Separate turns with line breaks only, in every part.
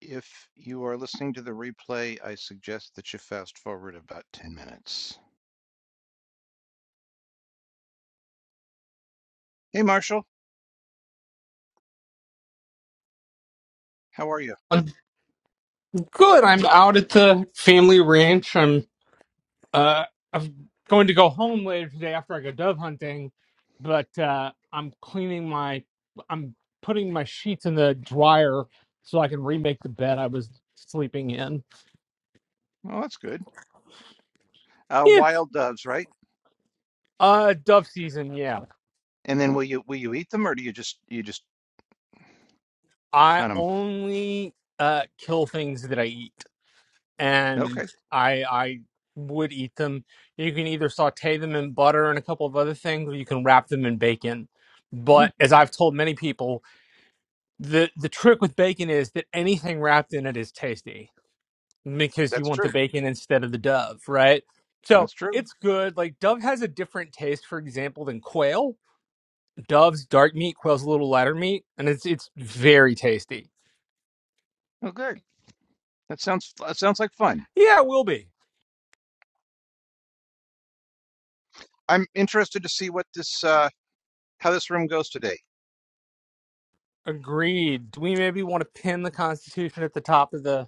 If you are listening to the replay, I suggest that you fast forward about 10 minutes. Hey, Marshall, how are you?
I'm good. I'm out at the family ranch. I'm uh I'm going to go home later today after I go dove hunting, but uh I'm cleaning my I'm putting my sheets in the dryer so I can remake the bed I was sleeping in.
Oh, that's good. Uh,
Yeah.
wild doves, right?
Uh dove season, yeah.
And then will you will you eat them or do you just you just
I
hunt them?
only uh kill things that I eat. and
Okay.
I I would eat them. You can either saute them in butter and a couple of other things, or you can wrap them in bacon.
Hmm,
But as I've told many people, the the trick with bacon is that anything wrapped in it is tasty because you
that's
want the
true.
bacon instead of the dove, right? So
That's true.
it's good. Like dove has a different taste, for example, than quail. Dove's dark meat, quail's a little lighter meat, and it's it's very tasty.
Oh, good. That sounds that sounds like fun.
Yeah, it will be.
I'm interested to see what this uh how this room goes today.
Agreed. Do we maybe want to pin the Constitution at the top of the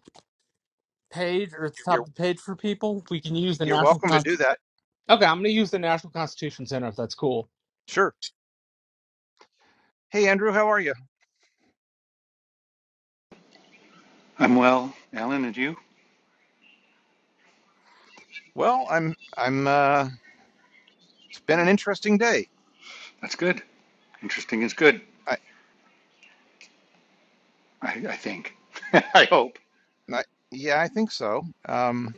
page or at the top of
You're
the page for people, we can use the
you're
national.
welcome to do
Constitution.
that.
okay, I'm gonna use the National Constitution Center if that's cool.
Sure. Hey, Andrew, how are you?
I'm well. Alan, and you?
Well, I'm I'm uh it's been an interesting day.
That's good. Interesting is good,
I,
I, I think. I hope.
I, yeah, I think so. Um,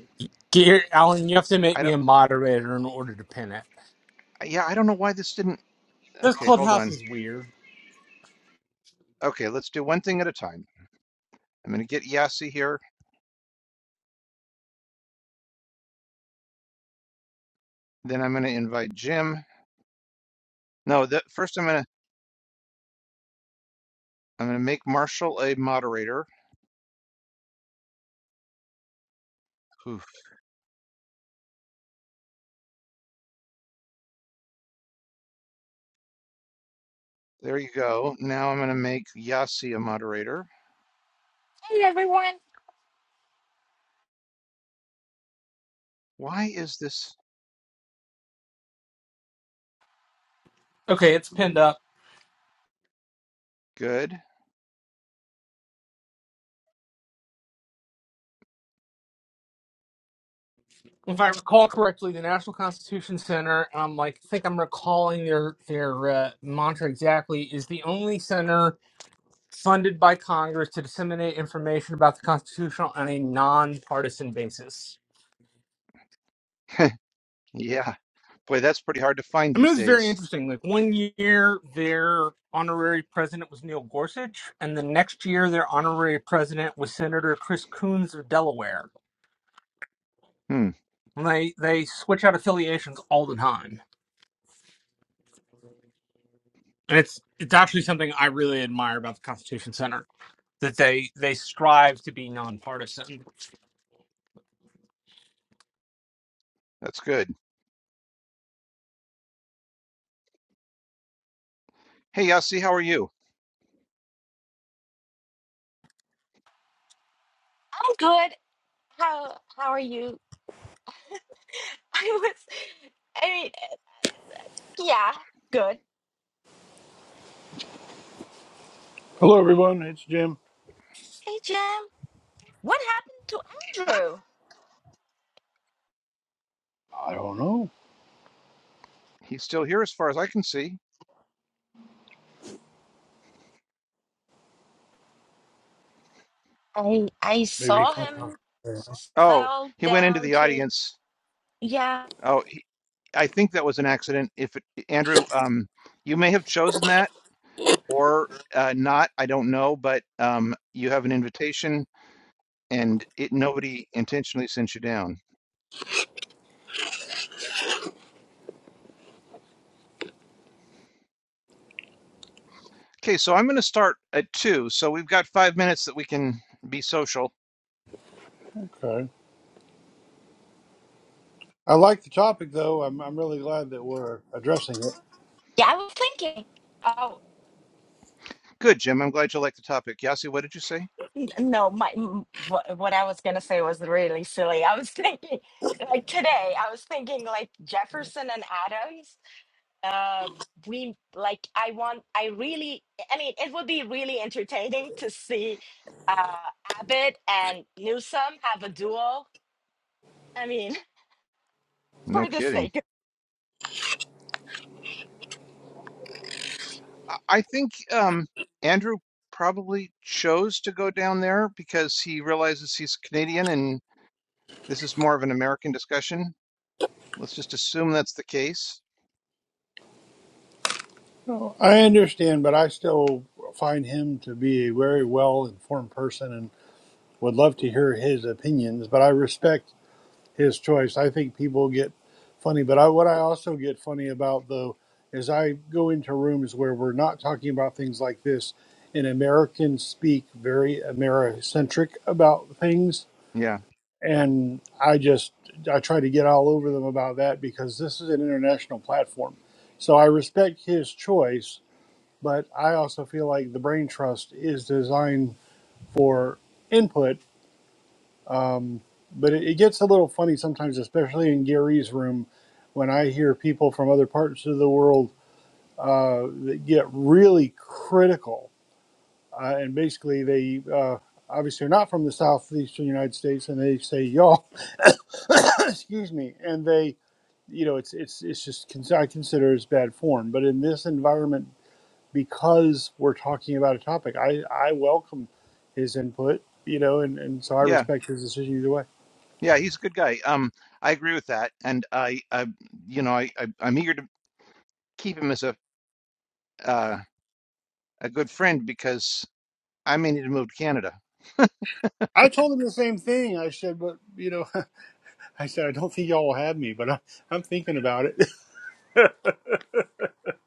Gear, Alan, you have to make
I
me
don't.
a moderator in order to pin it.
Yeah, I don't know why this didn't.
This
Okay, hold
clubhouse
on.
is weird.
Okay, let's do one thing at a time. I'm going to get Yassi here. Then I'm going to invite Jim. No, that first I'm going to I'm going to make Marshall a moderator. Oof, there you go. Now I'm going to make Yassi a moderator.
Hey everyone,
Why is this
Okay, it's pinned up.
good?
If I recall correctly, the National Constitution Center, um, like I think I'm recalling their their uh, mantra exactly, is the only center funded by Congress to disseminate information about the Constitution on a nonpartisan basis.
Yeah, boy, that's pretty hard to find
I mean, it
these
was very
days.
interesting. Like one year, their honorary president was Neil Gorsuch, and the next year, their honorary president was Senator Chris Coons of Delaware.
Hmm,
And they they switch out affiliations all the time, and it's it's actually something I really admire about the Constitution Center that they they strive to be nonpartisan.
that's good. Hey, Yassi, how are you?
I'm good. How how are you? I was, I mean, yeah, good.
Hello, everyone. It's Jim.
Hey Jim, what happened to Andrew?
I don't know.
He's still here as far as I can see.
I I
Maybe.
saw him
Okay.
Oh,
fell
he went into
down
the
to
audience.
yeah
Oh, I think that was an accident. If it, Andrew, um, you may have chosen that or uh, not, I don't know, but um, you have an invitation and it nobody intentionally sent you down. Okay, so I'm going to start at two. So we've got five minutes that we can be social.
I like the topic, though. I'm, I'm really glad that we're addressing it.
yeah. I was thinking. Oh
Good, Jim. I'm glad you like the topic. Yasi, what did you say?
n- no, my m- what, what I was gonna say was really silly. I was thinking like today. I was thinking like Jefferson and Adams. uh we like i want i really i mean it would be really entertaining to see uh abbott and newsom have a duel i mean
No
for the
kidding.
sake of
I I think um, Andrew probably chose to go down there because he realizes he's Canadian and this is more of an American discussion. Let's just assume that's the case.
No, I understand, but I still find him to be a very well informed person and would love to hear his opinions, but I respect his choice. I think people get funny, but I, what I also get funny about, though, is I go into rooms where we're not talking about things like this, and Americans speak very Americentric about things
Yeah,
and I just I try to get all over them about that because this is an international platform. So I respect his choice, but I also feel like the brain trust is designed for input. Um, but it, it gets a little funny sometimes, especially in Gary's room, when I hear people from other parts of the world uh, that get really critical, uh, and basically they uh, obviously are not from the southeastern United States, and they say y'all, excuse me, and they you know, it's it's it's just I consider it's bad form. But in this environment, because we're talking about a topic, I I welcome his input. You know, and, and so I
yeah,
respect his decision either way.
yeah. He's a good guy. Um, I agree with that, and I, I, you know, I, I I'm eager to keep him as a uh, a good friend because I may need to move to Canada.
I told him the same thing. I said, but you know, I said I don't think y'all will have me, but I, I'm thinking about it.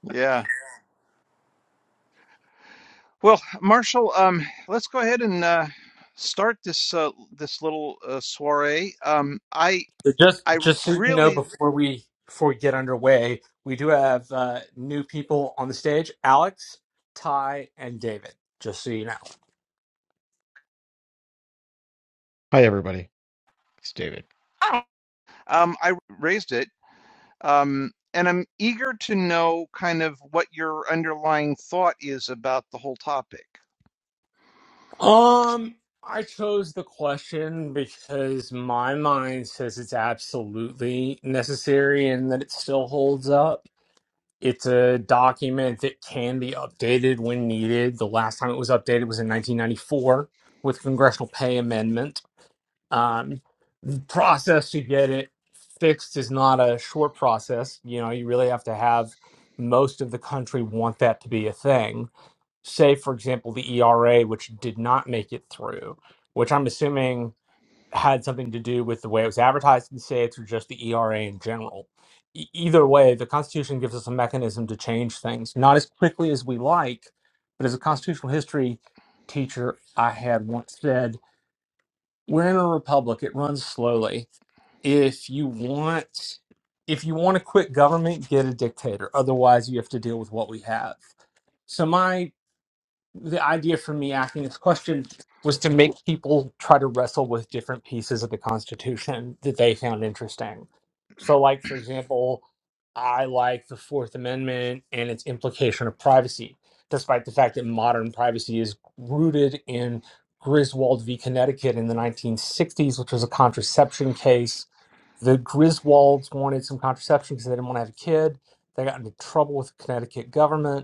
Yeah. Well, Marshall, um, let's go ahead and uh, start this uh, this little uh, soiree. Um, I
So just
I r-
just so you know,
really
before we before we get underway, we do have uh, new people on the stage: Alex, Ty, and David. Just so you know.
Hi, everybody. It's David.
I,
um I raised it. Um. And I'm eager to know kind of what your underlying thought is about the whole topic.
Um, I chose the question because my mind says it's absolutely necessary and that it still holds up. It's a document that can be updated when needed. The last time it was updated was in 1994 with congressional pay amendment. Um. process to get it fixed is not a short process. You know, you really have to have most of the country want that to be a thing. Say, for example, the ERA, which did not make it through, which I'm assuming had something to do with the way it was advertised in states or just the ERA in general. E- either way, the Constitution gives us a mechanism to change things, not as quickly as we like, but as a constitutional history teacher I had once said, we're in a republic, it runs slowly if you want if you want to quit government get a dictator otherwise you have to deal with what we have so my the idea for me asking this question was to make people try to wrestle with different pieces of the Constitution that they found interesting. So, like, for example, I like the Fourth Amendment and its implication of privacy, despite the fact that modern privacy is rooted in Griswold v. Connecticut in the 1960s, which was a contraception case. The Griswolds wanted some contraception because they didn't want to have a kid. They got into trouble with the Connecticut government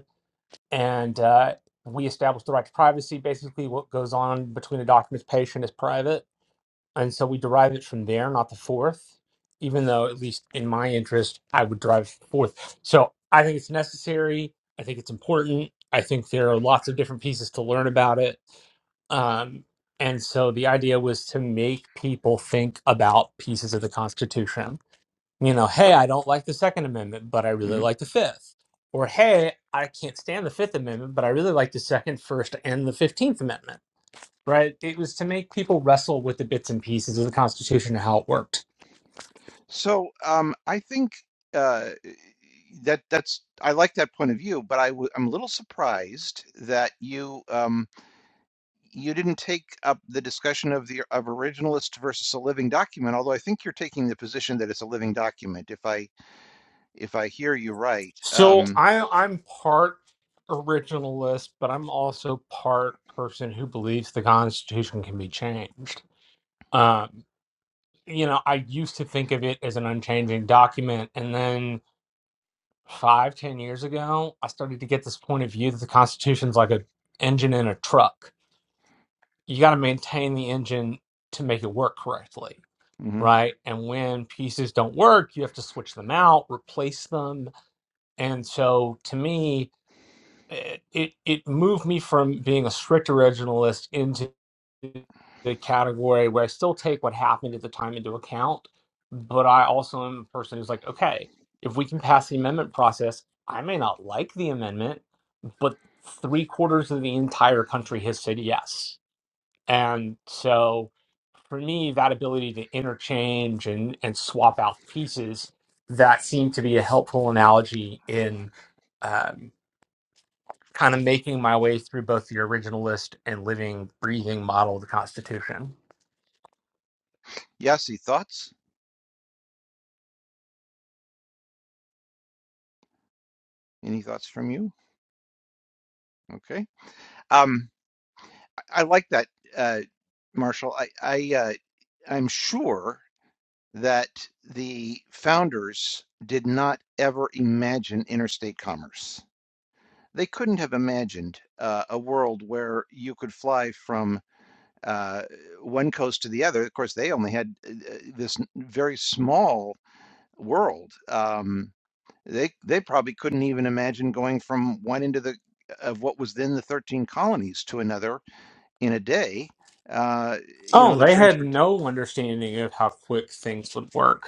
and uh, we establish the right to privacy. Basically, what goes on between a doctor and doctor's patient is private, and so we derive it from there, not the fourth. Even though, at least in my interest, I would drive fourth. So I think it's necessary. I think it's important. I think there are lots of different pieces to learn about it. Um, and so the idea was to make people think about pieces of the Constitution you know, hey, I don't like the Second Amendment, but I
Oh.
really like the Fifth. Or hey, I can't stand the Fifth Amendment, but I really like the Second, First, and the Fifteenth Amendment. Right? It was to make people wrestle with the bits and pieces of the Constitution and how it worked.
So um, I think uh, that that's I like that point of view, but I w I'm a little surprised that you um, you didn't take up the discussion of the of originalist versus a living document. Although I think you're taking the position that it's a living document. If I if I hear you right,
So
um,
I I'm part originalist, but I'm also part person who believes the Constitution can be changed. Um, you know, I used to think of it as an unchanging document, and then five ten years ago, I started to get this point of view that the Constitution's like a engine in a truck. You got to maintain the engine to make it work correctly,
mhm.
right? And when pieces don't work, you have to switch them out, replace them, and so to me it it it moved me from being a strict originalist into the category where I still take what happened at the time into account, but I also am a person who's like, okay, if we can pass the amendment process, I may not like the amendment, but three quarters of the entire country has said yes. And so for me, that ability to interchange and, and swap out pieces, that seemed to be a helpful analogy in um, kind of making my way through both the originalist and living, breathing model of the Constitution.
Yassi, thoughts? Any thoughts from you? Okay, um, I, I like that, uh, Marshall. I I uh, I'm sure. that the founders did not ever imagine interstate commerce. They couldn't have imagined uh, a world where you could fly from uh, one coast to the other. Of course, they only had uh, uh, this very small world. Um, they they probably couldn't even imagine going from one end of the of what was then the 13 colonies to another in a day. Uh, you know,
Oh,
the
they had
transport.
no understanding of how quick things would work.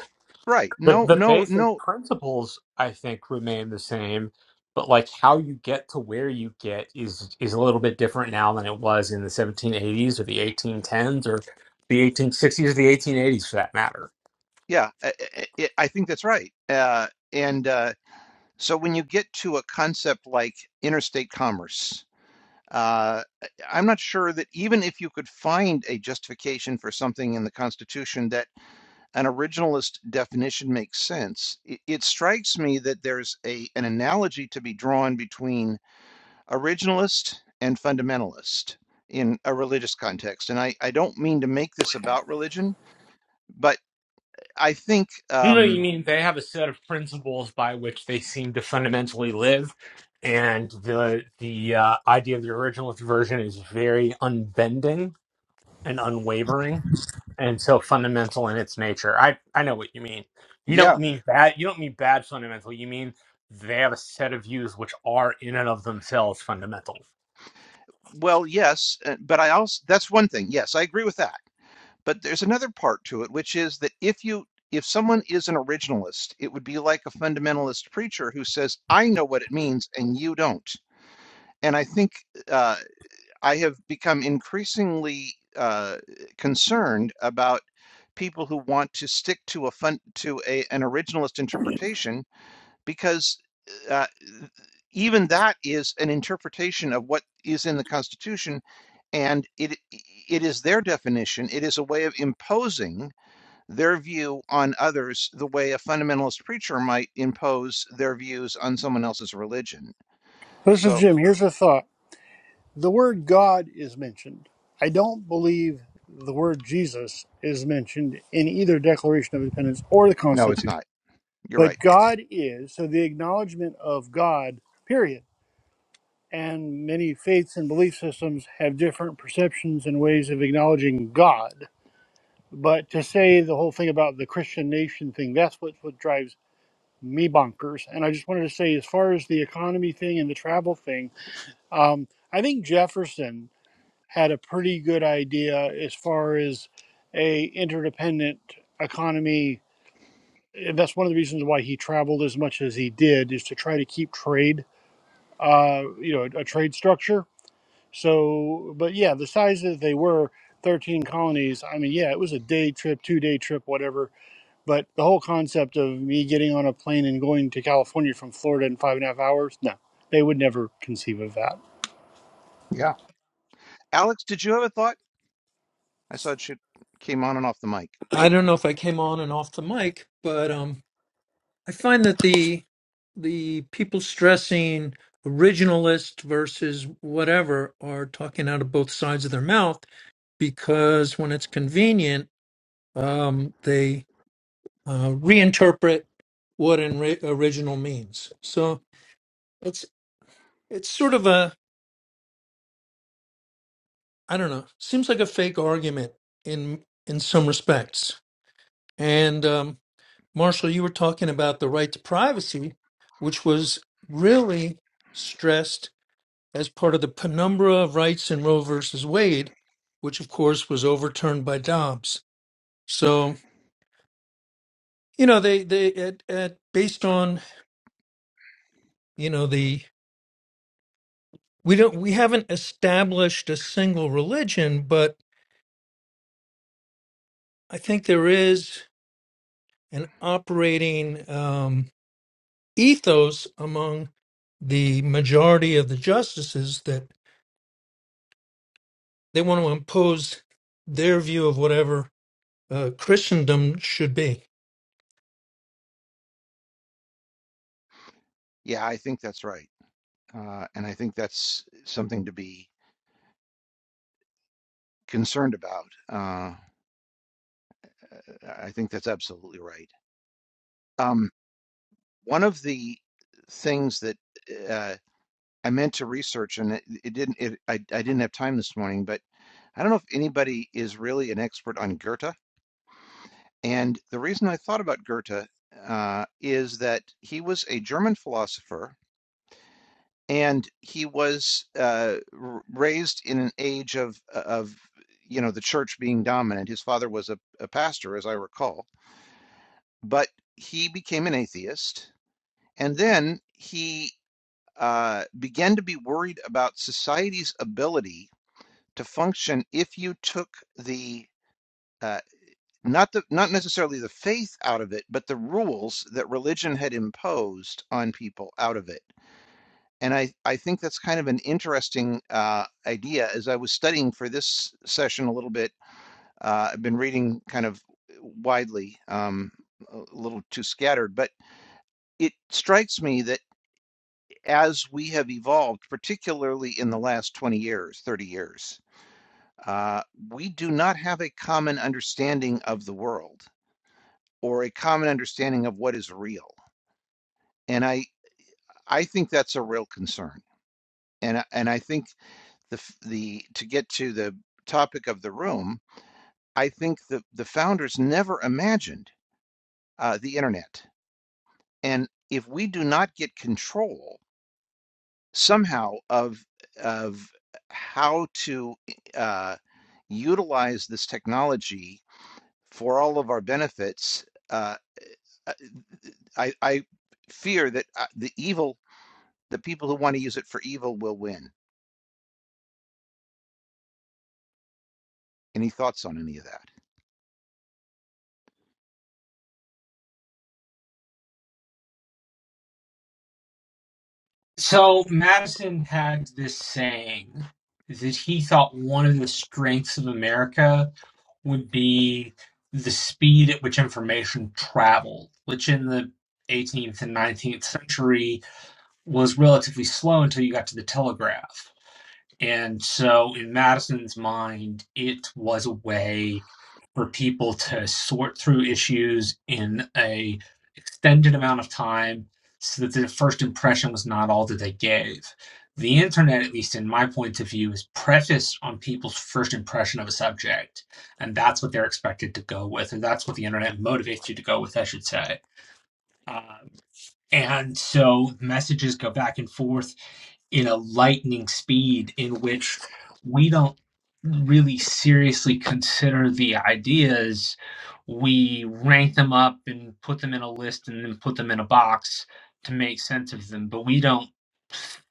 Right.
The
No,
the
no,
basic
no.
principles I think remain the same, but like how you get to where you get is is a little bit different now than it was in the 1780s or the 1810s or the 1860s or the 1880s for that matter.
Yeah, I, I I- think that's right. Uh, and uh, so when you get to a concept like interstate commerce, uh, I- I'm not sure that even if you could find a justification for something in the Constitution that an originalist definition makes sense, it, it strikes me that there's a an analogy to be drawn between originalist and fundamentalist in a religious context. And I, I don't mean to make this about religion, but I think
No, no, you
um,
mean they have a set of principles by which they seem to fundamentally live, and the the uh, idea of the originalist version is very unbending and unwavering. and so fundamental in its nature. I I know what you mean. You
yeah,
don't mean bad. You don't mean bad fundamental. You mean they have a set of views which are in and of themselves fundamental.
Well, yes, uh, but I also that's one thing. Yes, I agree with that. But there's another part to it, which is that if you if someone is an originalist, it would be like a fundamentalist preacher who says, "I know what it means and you don't." And I think uh, I have become increasingly uh, concerned about people who want to stick to a fun to a, an originalist interpretation because uh, even that is an interpretation of what is in the Constitution, and it it is their definition. It is a way of imposing their view on others, the way a fundamentalist preacher might impose their views on someone else's religion.
this is
So
Jim. Here's a thought: the word God is mentioned. I don't believe the word Jesus is mentioned in either Declaration of Independence or the
no, it's
Constitution.
not. You're right.
But God is, so the acknowledgement of God, period. And many faiths and belief systems have different perceptions and ways of acknowledging God. But to say the whole thing about the Christian nation thing, that's what, what drives me bonkers. And I just wanted to say, as far as the economy thing and the travel thing, um, I think Jefferson had a pretty good idea as far as a interdependent economy. And that's one of the reasons why he traveled as much as he did, is to try to keep trade uh, you know, a, a trade structure. So, but yeah, the size that they were, 13 colonies, I mean, yeah, it was a day trip, two day trip, whatever. But the whole concept of me getting on a plane and going to California from Florida in five and a half hours, no, they would never conceive of that.
Yeah, Alex, did you have a thought? I saw it should, came on and off the mic.
I don't know if I came on and off the mic, but um, I find that the the people stressing originalist versus whatever are talking out of both sides of their mouth because when it's convenient, um, they uh, reinterpret what an ri- original means. So it's it's sort of a I don't know, seems like a fake argument in in some respects, and um, Marshall, you were talking about the right to privacy, which was really stressed as part of the penumbra of rights in Roe versus Wade, which of course was overturned by Dobbs. So you know they they at, at based on you know the we don't we haven't established a single religion, but I think there is an operating um, ethos among the majority of the justices that. They want to impose their view of whatever uh, Christendom should be.
Yeah, I think that's right, uh, and I think that's something to be concerned about. Uh, I think that's absolutely right. Um, one of the things that uh, I meant to research, and it, it didn't, it, I, I didn't have time this morning, but I don't know if anybody is really an expert on Goethe. And the reason I thought about Goethe uh, is that he was a German philosopher, and he was uh, raised in an age of of you know the church being dominant. His father was a, a pastor, as I recall, but he became an atheist And then he uh, began to be worried about society's ability to function if you took the uh, not the not necessarily the faith out of it, but the rules that religion had imposed on people out of it. And I, I think that's kind of an interesting uh, idea. As I was studying for this session a little bit, uh, I've been reading kind of widely, um, a little too scattered, but it strikes me that as we have evolved, particularly in the last 20 years, 30 years, uh, we do not have a common understanding of the world or a common understanding of what is real. And I, I think that's a real concern. And, and I think the, the, to get to the topic of the room, I think the, the founders never imagined uh, the internet. And if we do not get control somehow of of how to uh, utilize this technology for all of our benefits. Uh, uh, I, I fear that uh, the evil, the people who want to use it for evil, will win. Any thoughts on any of that?
So Madison had this saying that he thought one of the strengths of America would be the speed at which information traveled, which in the 18th and 19th century was relatively slow until you got to the telegraph. And so, in Madison's mind, it was a way for people to sort through issues in a extended amount of time so that the first impression was not all that they gave. The internet, at least in my point of view, is prefaced on people's first impression of a subject. And that's what they're expected to go with, and that's what the internet motivates you to go with, I should say. Uh, and so messages go back and forth in a lightning speed in which we don't really seriously consider the ideas. We rank them up and put them in a list and then put them in a box to make sense of them, but we don't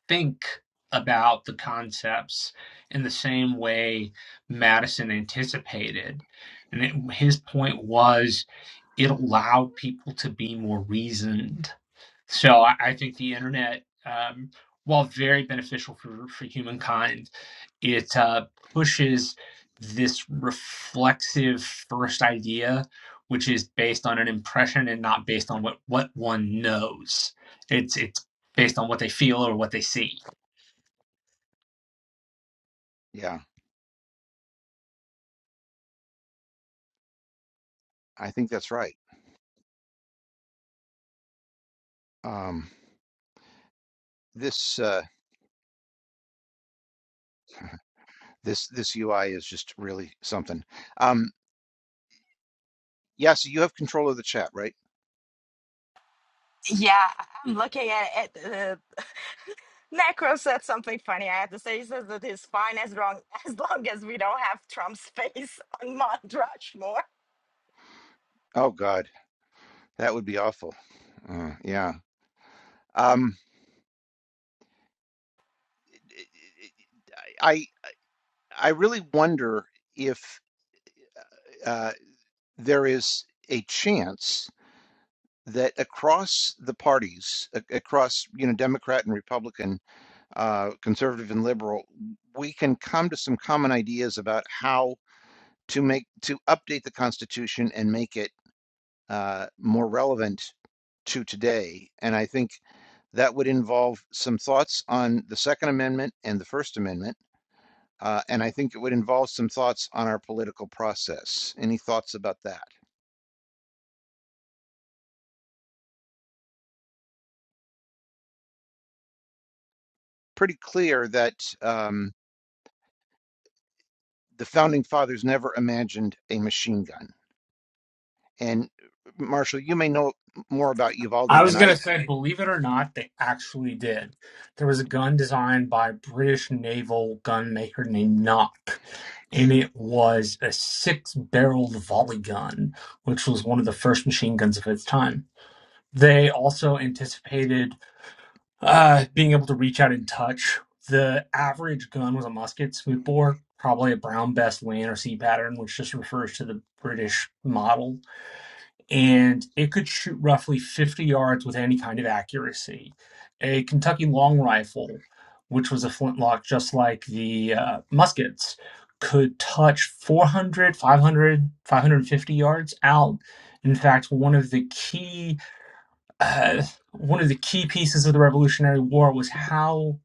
think about the concepts in the same way Madison anticipated. And it, his point was it allowed people to be more reasoned so I, I think the internet, um, while very beneficial for, for humankind, it uh, pushes this reflexive first idea, which is based on an impression and not based on what, what one knows. It's it's based on what they feel or what they see.
Yeah, I think that's right. Um, this uh, this this UI is just really something. Um, yeah, so you have control of the chat, right?
yeah i'm looking at it uh, necro said something funny i have to say he says that he's fine as long as long as we don't have trump's face on mount rushmore
Oh God, that would be awful. Uh, yeah. Um, I I really wonder if uh, there is a chance that across the parties, a- across you know Democrat and Republican. uh, conservative and liberal, we can come to some common ideas about how to make to update the Constitution and make it uh, more relevant to today. And I think that would involve some thoughts on the Second Amendment and the First Amendment. Uh, and I think it would involve some thoughts on our political process. Any thoughts about that? Pretty clear that um, the founding fathers never imagined a machine gun. And Marshall, you may know more about
I
Uvalde
was
than I
gonna say, believe it or not, they actually did. There was a gun designed by a British naval gun maker named Nock, and it was a six-barreled volley gun, which was one of the first machine guns of its time. They also anticipated uh, being able to reach out and touch. The average gun was a musket, smoothbore, probably a brown bess Lann or C pattern, which just refers to the British model and it could shoot roughly 50 yards with any kind of accuracy. A Kentucky long rifle, which was a flintlock just like the uh, muskets, could touch 400, 500, 550 yards out. In fact, one of the key uh, one of the key pieces of the Revolutionary War was how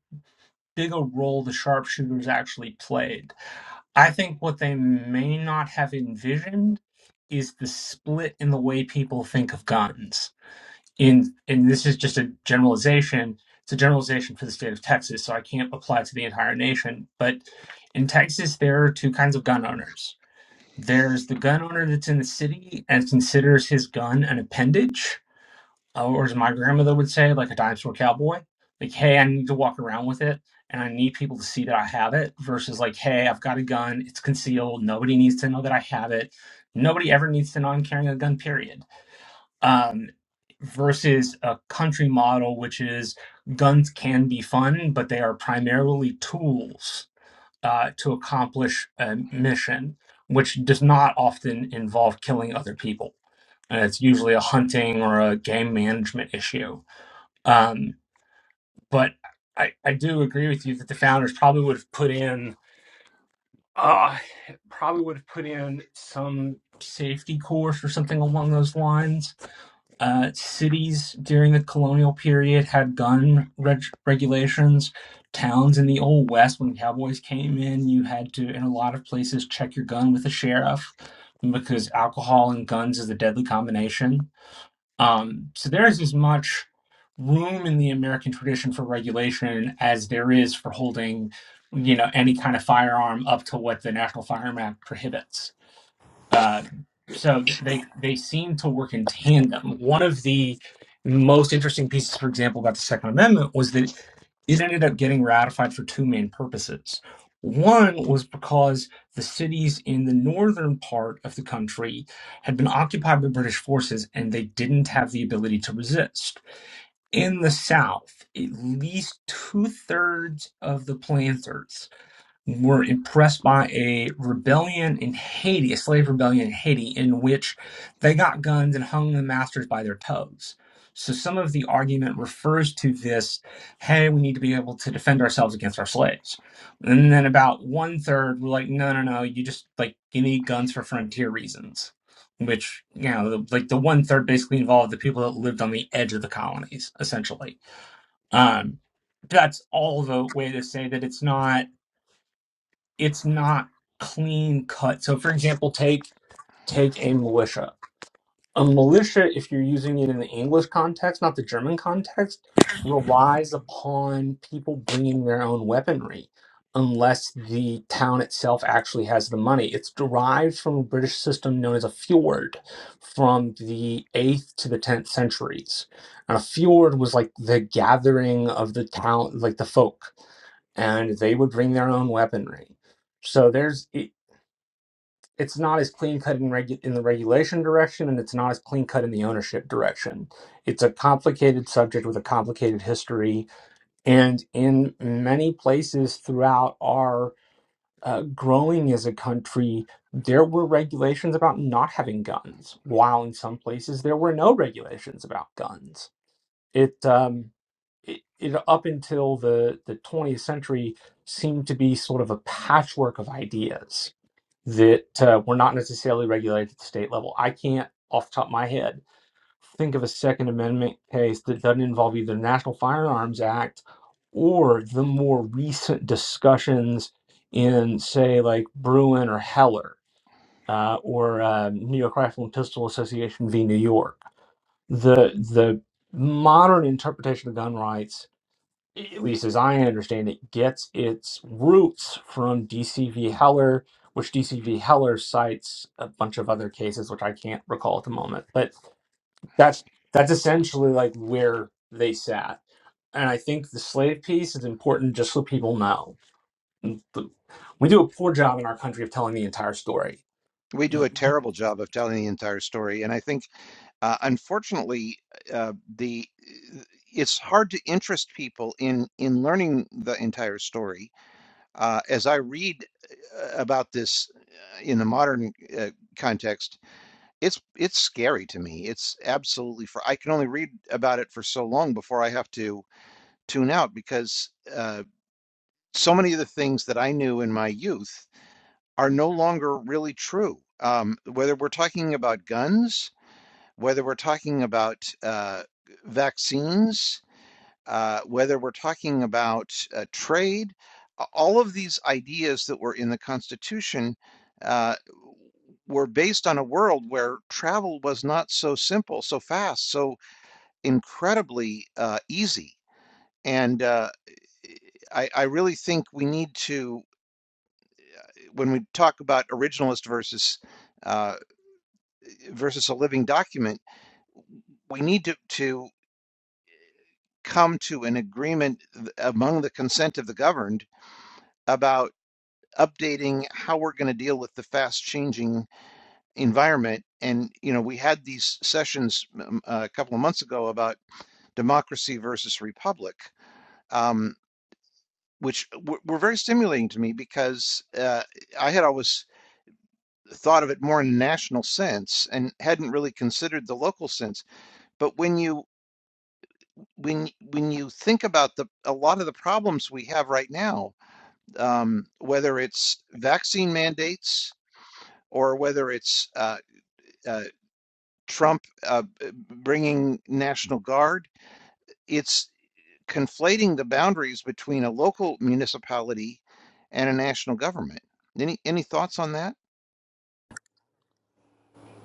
big a role the sharpshooters actually played I think what they may not have envisioned is the split in the way people think of guns. In and this is just a generalization. It's a generalization for the state of Texas, so I can't apply to the entire nation. But in Texas, there are two kinds of gun owners. There's the gun owner that's in the city and considers his gun an appendage, uh, or as my grandmother would say, like a dime store cowboy. Like, hey, I need to walk around with it, and I need people to see that I have it. Versus like, hey, I've got a gun. It's concealed. Nobody needs to know that I have it. Nobody ever needs to know I'm carrying a gun. Period. Um, versus a country model, which is guns can be fun, but they are primarily tools uh, to accomplish a mission, which does not often involve killing other people. And it's usually a hunting or a game management issue um, but I, I do agree with you that the founders probably would have put in uh, probably would have put in some safety course or something along those lines. Uh, cities during the colonial period had gun reg- regulations. Towns in the old west, when cowboys came in, you had to, in a lot of places, check your gun with a sheriff because alcohol and guns is a deadly combination um, so there is as much room in the American tradition for regulation as there is for holding, you know, any kind of firearm up to what the National Firearm Act prohibits. Uh, so th- they they seem to work in tandem. One of the most interesting pieces, for example, about the Second Amendment was that it ended up getting ratified for two main purposes. One was because the cities in the northern part of the country had been occupied by British forces and they didn't have the ability to resist. In the south, at least two thirds of the planters were impressed by a rebellion in Haiti, a slave rebellion in Haiti, in which they got guns and hung the masters by their toes. So some of the argument refers to this hey, we need to be able to defend ourselves against our slaves. And then about one third were like, no, no, no, you just like, you need guns for frontier reasons. Which, you know, like the one third basically involved the people that lived on the edge of the colonies, essentially. Um, that's all the way to say that it's not it's not clean cut. So for example, take take a militia a militia, if you're using it in the English context, not the German context, relies upon people bringing their own weaponry unless the town itself actually has the money. It's derived from a British system known as a fjord from the 8th to the 10th centuries. And a fjord was like the gathering of the town, like the folk, and they would bring their own weaponry. So there's it's not as clean cut in, regu- in the regulation direction and it's not as clean cut in the ownership direction. It's a complicated subject with a complicated history. And in many places throughout our uh, growing as a country, there were regulations about not having guns, while in some places there were no regulations about guns. It, um, it, it up until the, the 20th century seemed to be sort of a patchwork of ideas that uh, were not necessarily regulated at the state level. I can't, off the top of my head, think of a Second Amendment case that doesn't involve either the National Firearms Act or the more recent discussions in, say, like Bruin or Heller uh, or uh, New York Rifle and Pistol Association v. New York. The the modern interpretation of gun rights at least as I understand it, gets its roots from DCV Heller, which DCV Heller cites a bunch of other cases, which I can't recall at the moment. But that's that's essentially like where they sat. And I think the slave piece is important just so people know. We do a poor job in our country of telling the entire story.
we do a terrible job of telling the entire story and i think uh, unfortunately uh, the uh, it's hard to interest people in in learning the entire story uh, as i read uh, about this uh, in the modern uh, context it's it's scary to me it's absolutely for i can only read about it for so long before i have to tune out because uh, so many of the things that i knew in my youth are no longer really true. Um, whether we're talking about guns, whether we're talking about uh, vaccines, uh, whether we're talking about uh, trade, all of these ideas that were in the Constitution uh, were based on a world where travel was not so simple, so fast, so incredibly uh, easy. And uh, I, I really think we need to, when we talk about originalist versus uh, versus a living document, we need to, to come to an agreement among the consent of the governed about updating how we're going to deal with the fast changing environment. And, you know, we had these sessions um, a couple of months ago about democracy versus republic, um, which were very stimulating to me because uh, I had always thought of it more in a national sense and hadn't really considered the local sense. But when you when when you think about the a lot of the problems we have right now, um, whether it's vaccine mandates or whether it's uh, uh, Trump uh, bringing National Guard, it's conflating the boundaries between a local municipality and a national government. Any any thoughts on that?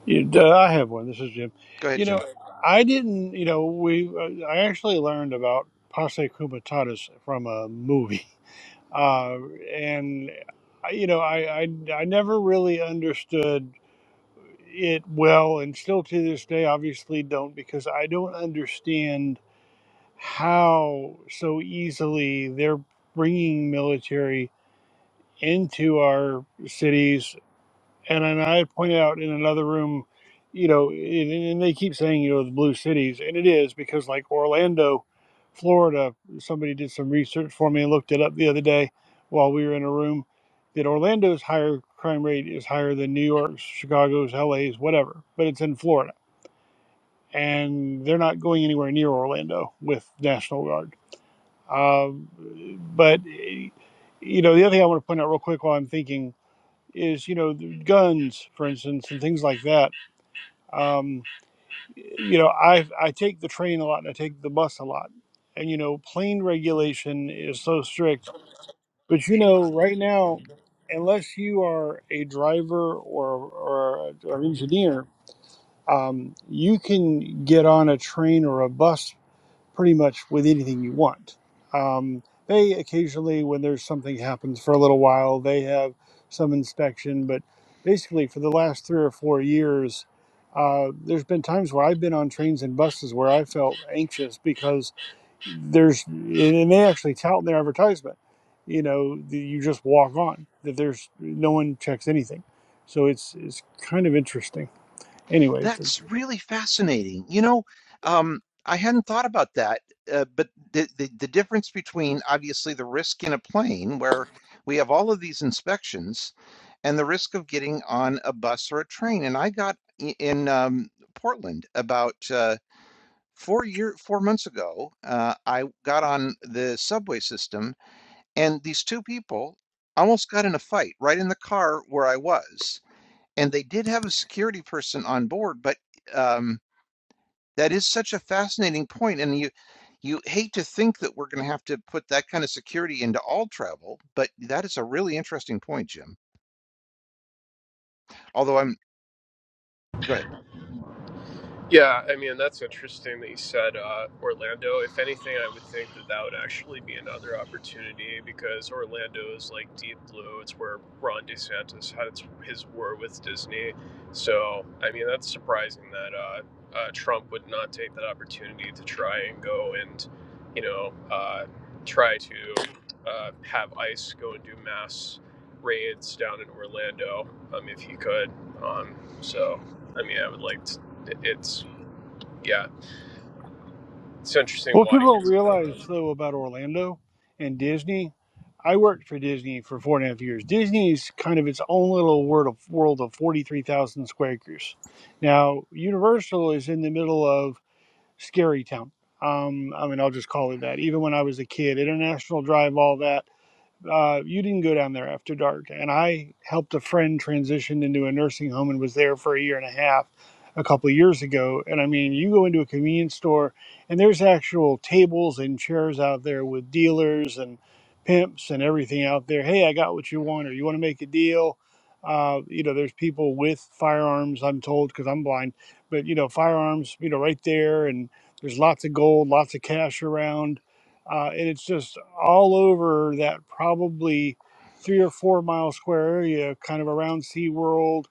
You, uh, I have one. This is Jim.
Go ahead,
You know,
Jim.
I didn't. You know, we. Uh, I actually learned about posse comitatus from a movie, uh, and I- you know, I, I I never really understood it well and still to this day obviously don't because I don't understand how so easily they're bringing military into our cities and then I pointed out in another room, you know, and, and they keep saying, you know, the blue cities, and it is because like Orlando, Florida, somebody did some research for me and looked it up the other day while we were in a room that Orlando's higher crime rate is higher than New York's, Chicago's, LA's, whatever, but it's in Florida. And they're not going anywhere near Orlando with National Guard. Um, but, you know, the other thing I want to point out real quick while I'm thinking is you know guns for instance and things like that um, you know i i take the train a lot and i take the bus a lot and you know plane regulation is so strict but you know right now unless you are a driver or or, or an engineer um, you can get on a train or a bus pretty much with anything you want. Um, they occasionally, when there's something happens for a little while, they have some inspection. But basically, for the last three or four years, uh, there's been times where I've been on trains and buses where I felt anxious because there's, and and they actually tout in their advertisement, you know, that you just walk on, that there's no one checks anything. So it's, it's kind of interesting. Anyway,
That's really fascinating. You know, um, I hadn't thought about that, uh, but the, the the difference between obviously the risk in a plane where we have all of these inspections and the risk of getting on a bus or a train. And I got i- in um, Portland about uh, four year four months ago. Uh, I got on the subway system, and these two people almost got in a fight right in the car where I was. And they did have a security person on board, but um, that is such a fascinating point, and you you hate to think that we're going to have to put that kind of security into all travel, but that is a really interesting point, Jim. Although I'm go ahead.
Yeah, I mean that's interesting that you said uh, Orlando. If anything, I would think that that would actually be another opportunity because Orlando is like deep blue. It's where Ron DeSantis had its, his war with Disney. So I mean that's surprising that uh, uh, Trump would not take that opportunity to try and go and you know uh, try to uh, have ICE go and do mass raids down in Orlando um, if he could. Um, so I mean I would like to it's yeah, it's interesting
What
why he
people don't
has done
realize,
that.
though, about Orlando and Disney, I worked for Disney for four and a half years. Disney is kind of its own little world of, world of 43,000 square acres. Now, Universal is in the middle of Scary Town. Um, I mean, I'll just call it that. Even when I was a kid, International Drive, all that uh, you didn't go down there after dark, and I helped a friend transition into a nursing home and was there for a year and a half a couple of years ago. And I mean, you go into a convenience store, and there's actual tables and chairs out there with dealers and pimps and everything out there. Hey, I got what you want, or you want to make a deal. Uh, you know, there's people with firearms. I'm told because I'm blind, but you know, firearms. You know, right there, and there's lots of gold, lots of cash around uh, and it's just all over that probably three or four mile square area, kind of around SeaWorld,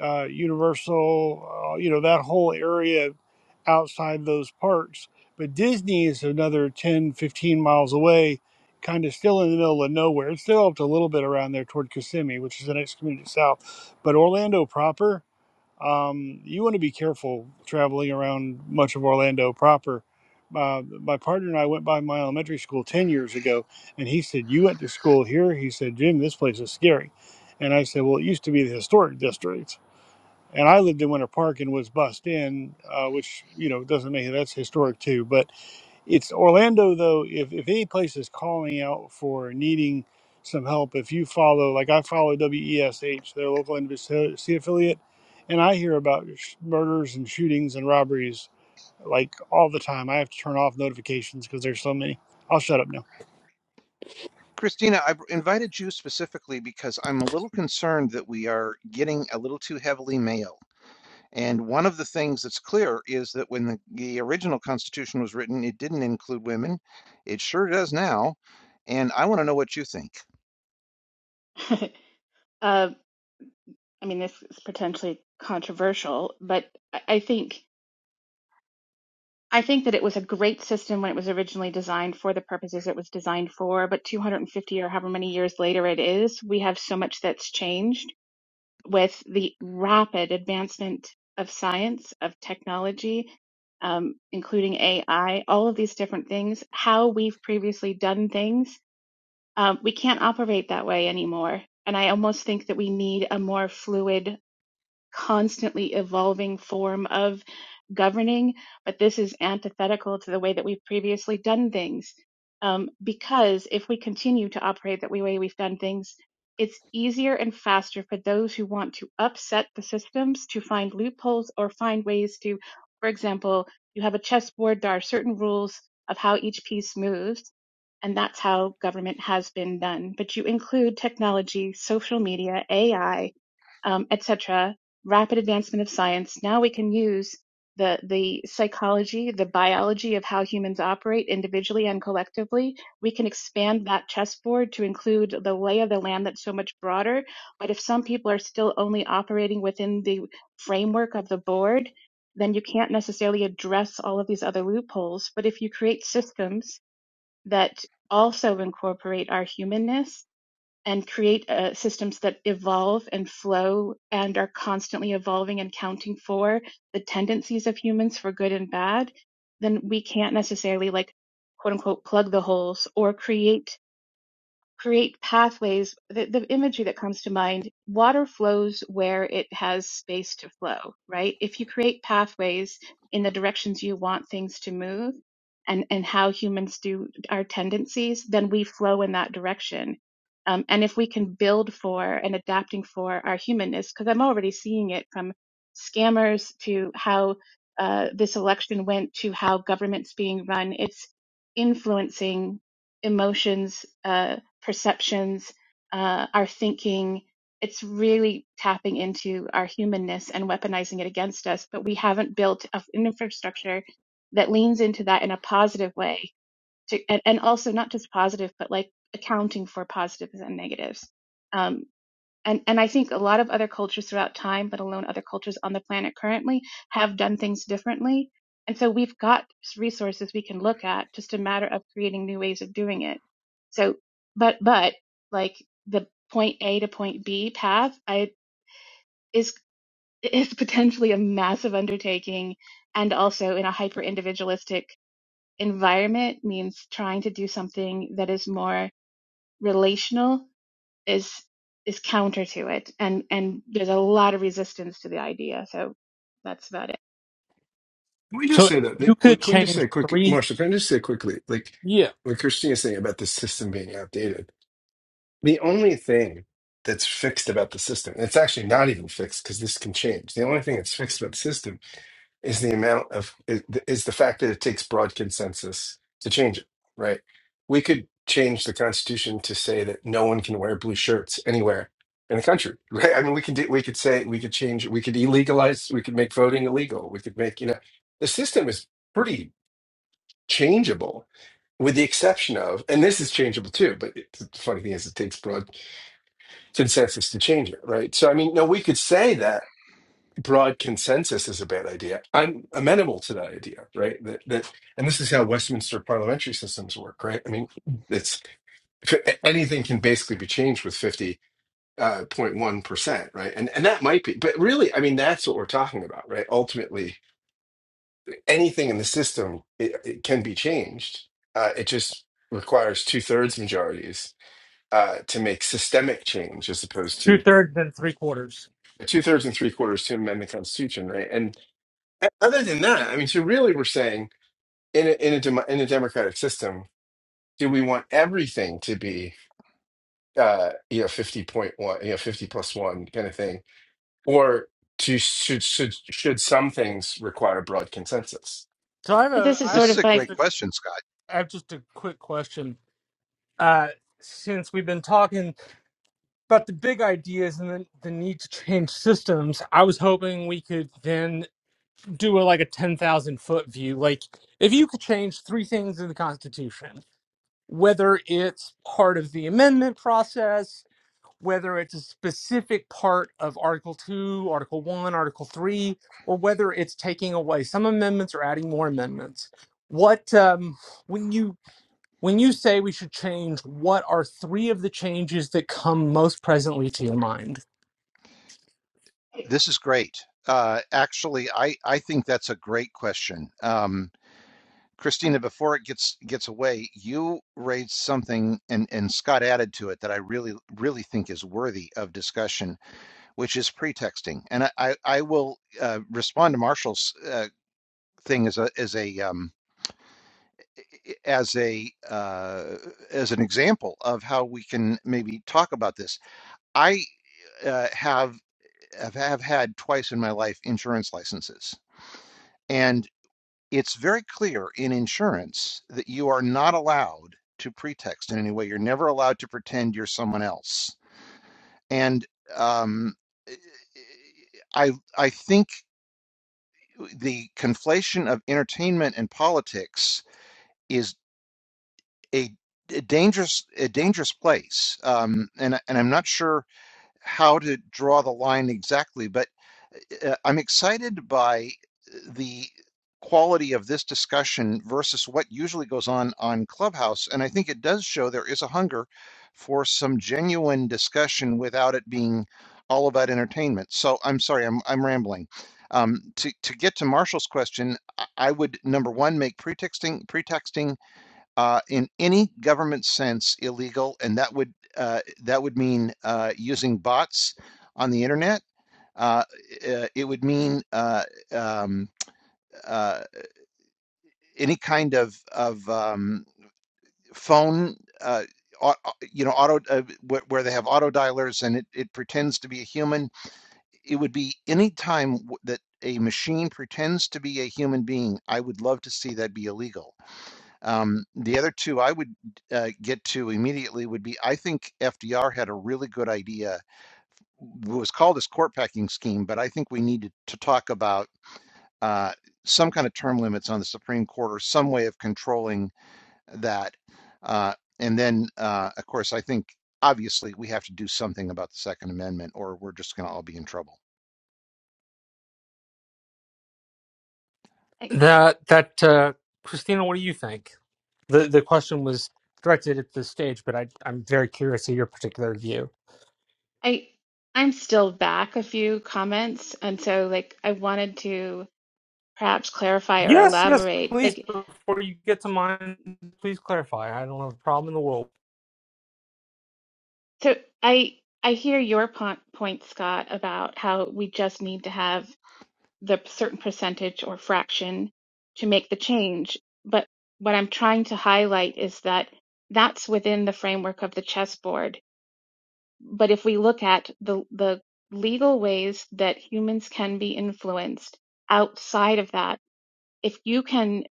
uh, Universal, uh, you know, that whole area outside those parks. But Disney is another 10, 15 miles away, kind of still in the middle of nowhere. It's developed a little bit around there toward Kissimmee, which is the next community south. But Orlando proper, um, you want to be careful traveling around much of Orlando proper. Uh, my partner and I went by my elementary school 10 years ago, and he said, You went to school here? He said, Jim, this place is scary. And I said, Well, it used to be the historic district. And I lived in Winter Park and was bussed in, uh, which, you know, doesn't make it that's historic too. But it's Orlando though. If if any place is calling out for needing some help, if you follow, like I follow WESH, their local NBC affiliate, and I hear about sh- murders and shootings and robberies like all the time. I have to turn off notifications because there's so many. I'll shut up now.
Christina, I've invited you specifically because I'm a little concerned that we are getting a little too heavily male. And one of the things that's clear is that when the, the original Constitution was written, it didn't include women. It sure does now. And I want to know what you think.
uh, I mean, this is potentially controversial, but I I think I think that it was a great system when it was originally designed for the purposes it was designed for. But 250 or however many years later it is, we have so much that's changed with the rapid advancement of science, of technology, um, including AI, all of these different things. How we've previously done things, um, we can't operate that way anymore. And I almost think that we need a more fluid constantly evolving form of governing, but this is antithetical to the way that we've previously done things. Um, because if we continue to operate that way we've done things, it's easier and faster for those who want to upset the systems to find loopholes or find ways to, for example, you have a chessboard, there are certain rules of how each piece moves. And that's how government has been done. But you include technology, social media, AI, um, etc rapid advancement of science, now we can use the, the psychology, the biology of how humans operate individually and collectively. We can expand that chessboard to include the lay of the land that's so much broader. But if some people are still only operating within the framework of the board, then you can't necessarily address all of these other loopholes. But if you create systems that also incorporate our humanness, and create uh, systems that evolve and flow and are constantly evolving and counting for the tendencies of humans for good and bad, then we can't necessarily like quote unquote plug the holes or create create pathways. The, the imagery that comes to mind water flows where it has space to flow, right? If you create pathways in the directions you want things to move and, and how humans do our tendencies, then we flow in that direction. Um, and if we can build for and adapting for our humanness, because I'm already seeing it from scammers to how uh, this election went to how government's being run, it's influencing emotions. Uh, perceptions, uh, our thinking. It's really tapping into our humanness and weaponizing it against us. But we haven't built a- an infrastructure that leans into that in a positive way, to, and, and also not just positive, but like accounting for positives and negatives. Um, and and I think a lot of other cultures throughout time, let alone other cultures on the planet currently, have done things differently. And so we've got resources we can look at, just a matter of creating new ways of doing it. So, but but like the point A to point B path, I is is potentially a massive undertaking, and also in a hyper individualistic environment means trying to do something that is more relational is is counter to it and and there's a lot of resistance to the idea so that's about it
Can we just
So
say that?
you
that
could
what- can we just
change
say quick,
three,
Marshall? Can I just say quickly, like
Yeah.
what Christina's saying about the system being outdated? The only thing that's fixed about the system, it's actually not even fixed because this can change. The only thing that's fixed about the system is the amount of is is the fact that it takes broad consensus to change it. Right? We could change the Constitution to say that no one can wear blue shirts anywhere in the country. Right? I mean, we can do, we could say we could change we could illegalize we could make voting illegal. We could make you know the system is pretty changeable with the exception of, and this is changeable too, but it, the funny thing is, it takes broad consensus to change it, right? So, I mean, no, we could say that broad consensus is a bad idea. I'm amenable to that idea, right? That that, and this is how Westminster parliamentary systems work, right? I mean, it's f- anything can basically be changed with fifty uh, point one percent, right? And and that might be, but really, I mean, that's what we're talking about, right? Ultimately, anything in the system it, it can be changed. Uh, it just requires two thirds majorities uh, to make systemic change as opposed
two
to
thirds, and three quarters.
two thirds and three quarters to amend the Constitution, right? And o- other than that, I mean, so really, we're saying in a, in a demo- in a democratic system, do we want everything to be uh, you know fifty point one, you know fifty plus one kind of thing, or to, should should should some things require broad consensus?
So I have
but
a,
this is
I have
This
sort
a,
is
of
a
my
just
great
a,
question, Scott.
I have just a quick question. uh, since we've been talking about the big ideas and the, the need to change systems, I was hoping we could then do a, like a 10,000 foot view. Like, if you could change three things in the Constitution, whether it's part of the amendment process, whether it's a specific part of Article 2, Article 1, Article 3, or whether it's taking away some amendments or adding more amendments. What, um, when you when you say we should change, what are three of the changes that come most presently to your mind?
This is great. Uh, actually, I, I think that's a great question. Um, Christina, before it gets gets away, you raised something and, and Scott added to it that I really, really think is worthy of discussion, which is pretexting. And I, I, I will uh, respond to Marshall's uh, thing as a as a um, as a uh, as an example of how we can maybe talk about this. I uh, have have had twice in my life insurance licenses. and. it's very clear in insurance that you are not allowed to pretext in any way. You're never allowed to pretend you're someone else. And um, e, e, I I think the conflation of entertainment and politics is a, a dangerous a dangerous place. Um, and and I'm not sure how to draw the line exactly, but uh, I'm excited by uh, the quality of this discussion versus what usually goes on on Clubhouse. And I think it does show there is a hunger for some genuine discussion without it being all about entertainment. So I'm sorry, I'm, I'm rambling. Um, to, to get to Marshall's question, I would number one make pretexting pretexting uh, in any government sense illegal, and that would uh, that would mean uh, using bots on the internet uh, uh, it would mean uh, um, uh, any kind of of um, phone, uh, au- au- you know, auto uh, wh- where they have auto dialers and it, it pretends to be a human. It would be any time w- that a machine pretends to be a human being. I would love to see that be illegal. Um, the other two I would uh, get to immediately would be I think FDR had a really good idea. It was called his court packing scheme, but I think we needed to talk about. uh, some kind of term limits on the Supreme Court or some way of controlling that. Uh, and then, uh, of course, I think obviously we have to do something about the Second Amendment, or we're just going to all be in trouble.
i
That that uh, Christina, what do you think? The the question was directed at the stage, but I, I'm very curious of your particular view.
i i'm still back a few comments and so like i wanted to perhaps clarify or
Yes, yes,
elaborate
please.
like
Before you get to mine, please clarify. I don't have a problem in the world.
so i i hear your po- point scott about how we just need to have the certain percentage or fraction to make the change but what i'm trying to highlight is that that's within the framework of the chessboard But if we look at the, the legal ways that humans can be influenced outside of that, if you can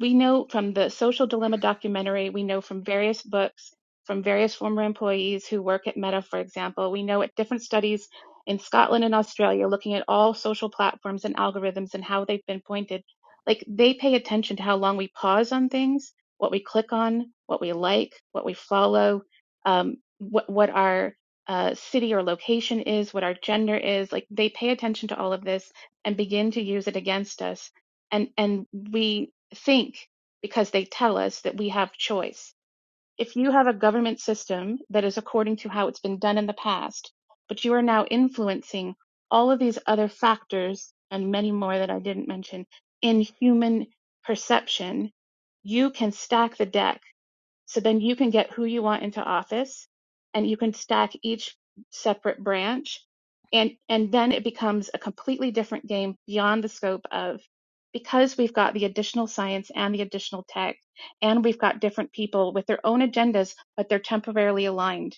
we know from the social dilemma documentary we know from various books from various former employees who work at meta for example we know at different studies in scotland and australia looking at all social platforms and algorithms and how they've been pointed like they pay attention to how long we pause on things what we click on what we like what we follow um, what, what our uh, city or location is what our gender is like they pay attention to all of this and begin to use it against us and and we think because they tell us that we have choice if you have a government system that is according to how it's been done in the past but you are now influencing all of these other factors and many more that I didn't mention in human perception you can stack the deck so then you can get who you want into office and you can stack each separate branch. And, and then it becomes a completely different game beyond the scope of because we've got the additional science and the additional tech, and we've got different people with their own agendas, but they're temporarily aligned.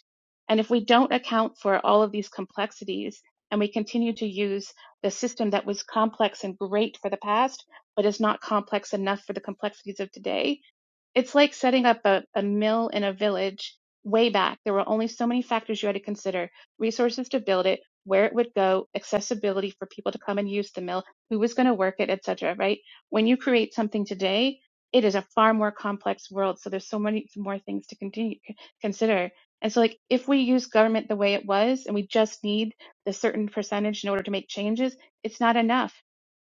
And if we don't account for all of these complexities and we continue to use the system that was complex and great for the past, but is not complex enough for the complexities of today, it's like setting up a, a mill in a village way back. There were only so many factors you had to consider resources to build it, where it would go, accessibility for people to come and use the mill, who was going to work it, etc. Right? When you create something today, it is a far more complex world. So there's so many more things to continue consider. And so, like, if we use government the way it was, and we just need the certain percentage in order to make changes, it's not enough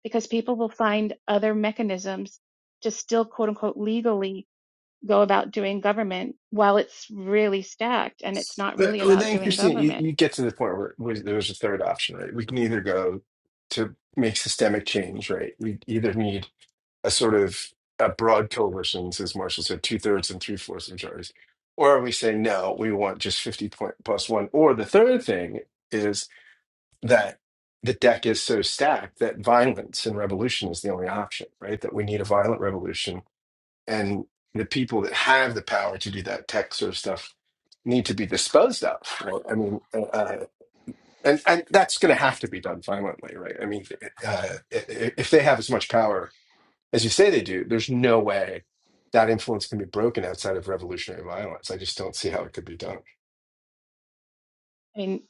because people will find other mechanisms to still, quote unquote, legally go about doing government while it's really stacked and it's not
But
really
well,
about
then,
doing
Christine, you,
government.
you get to the point where, where there's a third option, right? We can either go to make systemic change, right? We either need a sort of a broad coalition, as Marshall said, two thirds and three fourths majorities? Or are we saying no, we want just 50 point plus one? Or the third thing is that the deck is so stacked that violence and revolution is the only option, right? That we need a violent revolution. And the people that have the power to do that tech sort of stuff need to be disposed of. Right? I mean, uh, uh, and and that's going to have to be done violently, right? I mean, uh, i- i- if they have as much power as you say they do, there's no way that influence can be broken outside of revolutionary violence. I just don't see how it could be done.
I mean,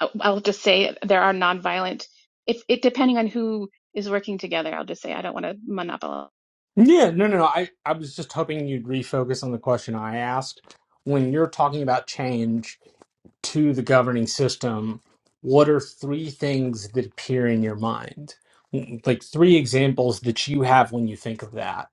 I- will just say there are nonviolent, if it depending on who is working together, I'll just say I don't want to monopolize.
Yeah, no, no, no. I, I was just hoping you'd refocus on the question I asked. When you're talking about change, to the governing system, what are three things that appear in your mind? Like three examples that you have when you think of that.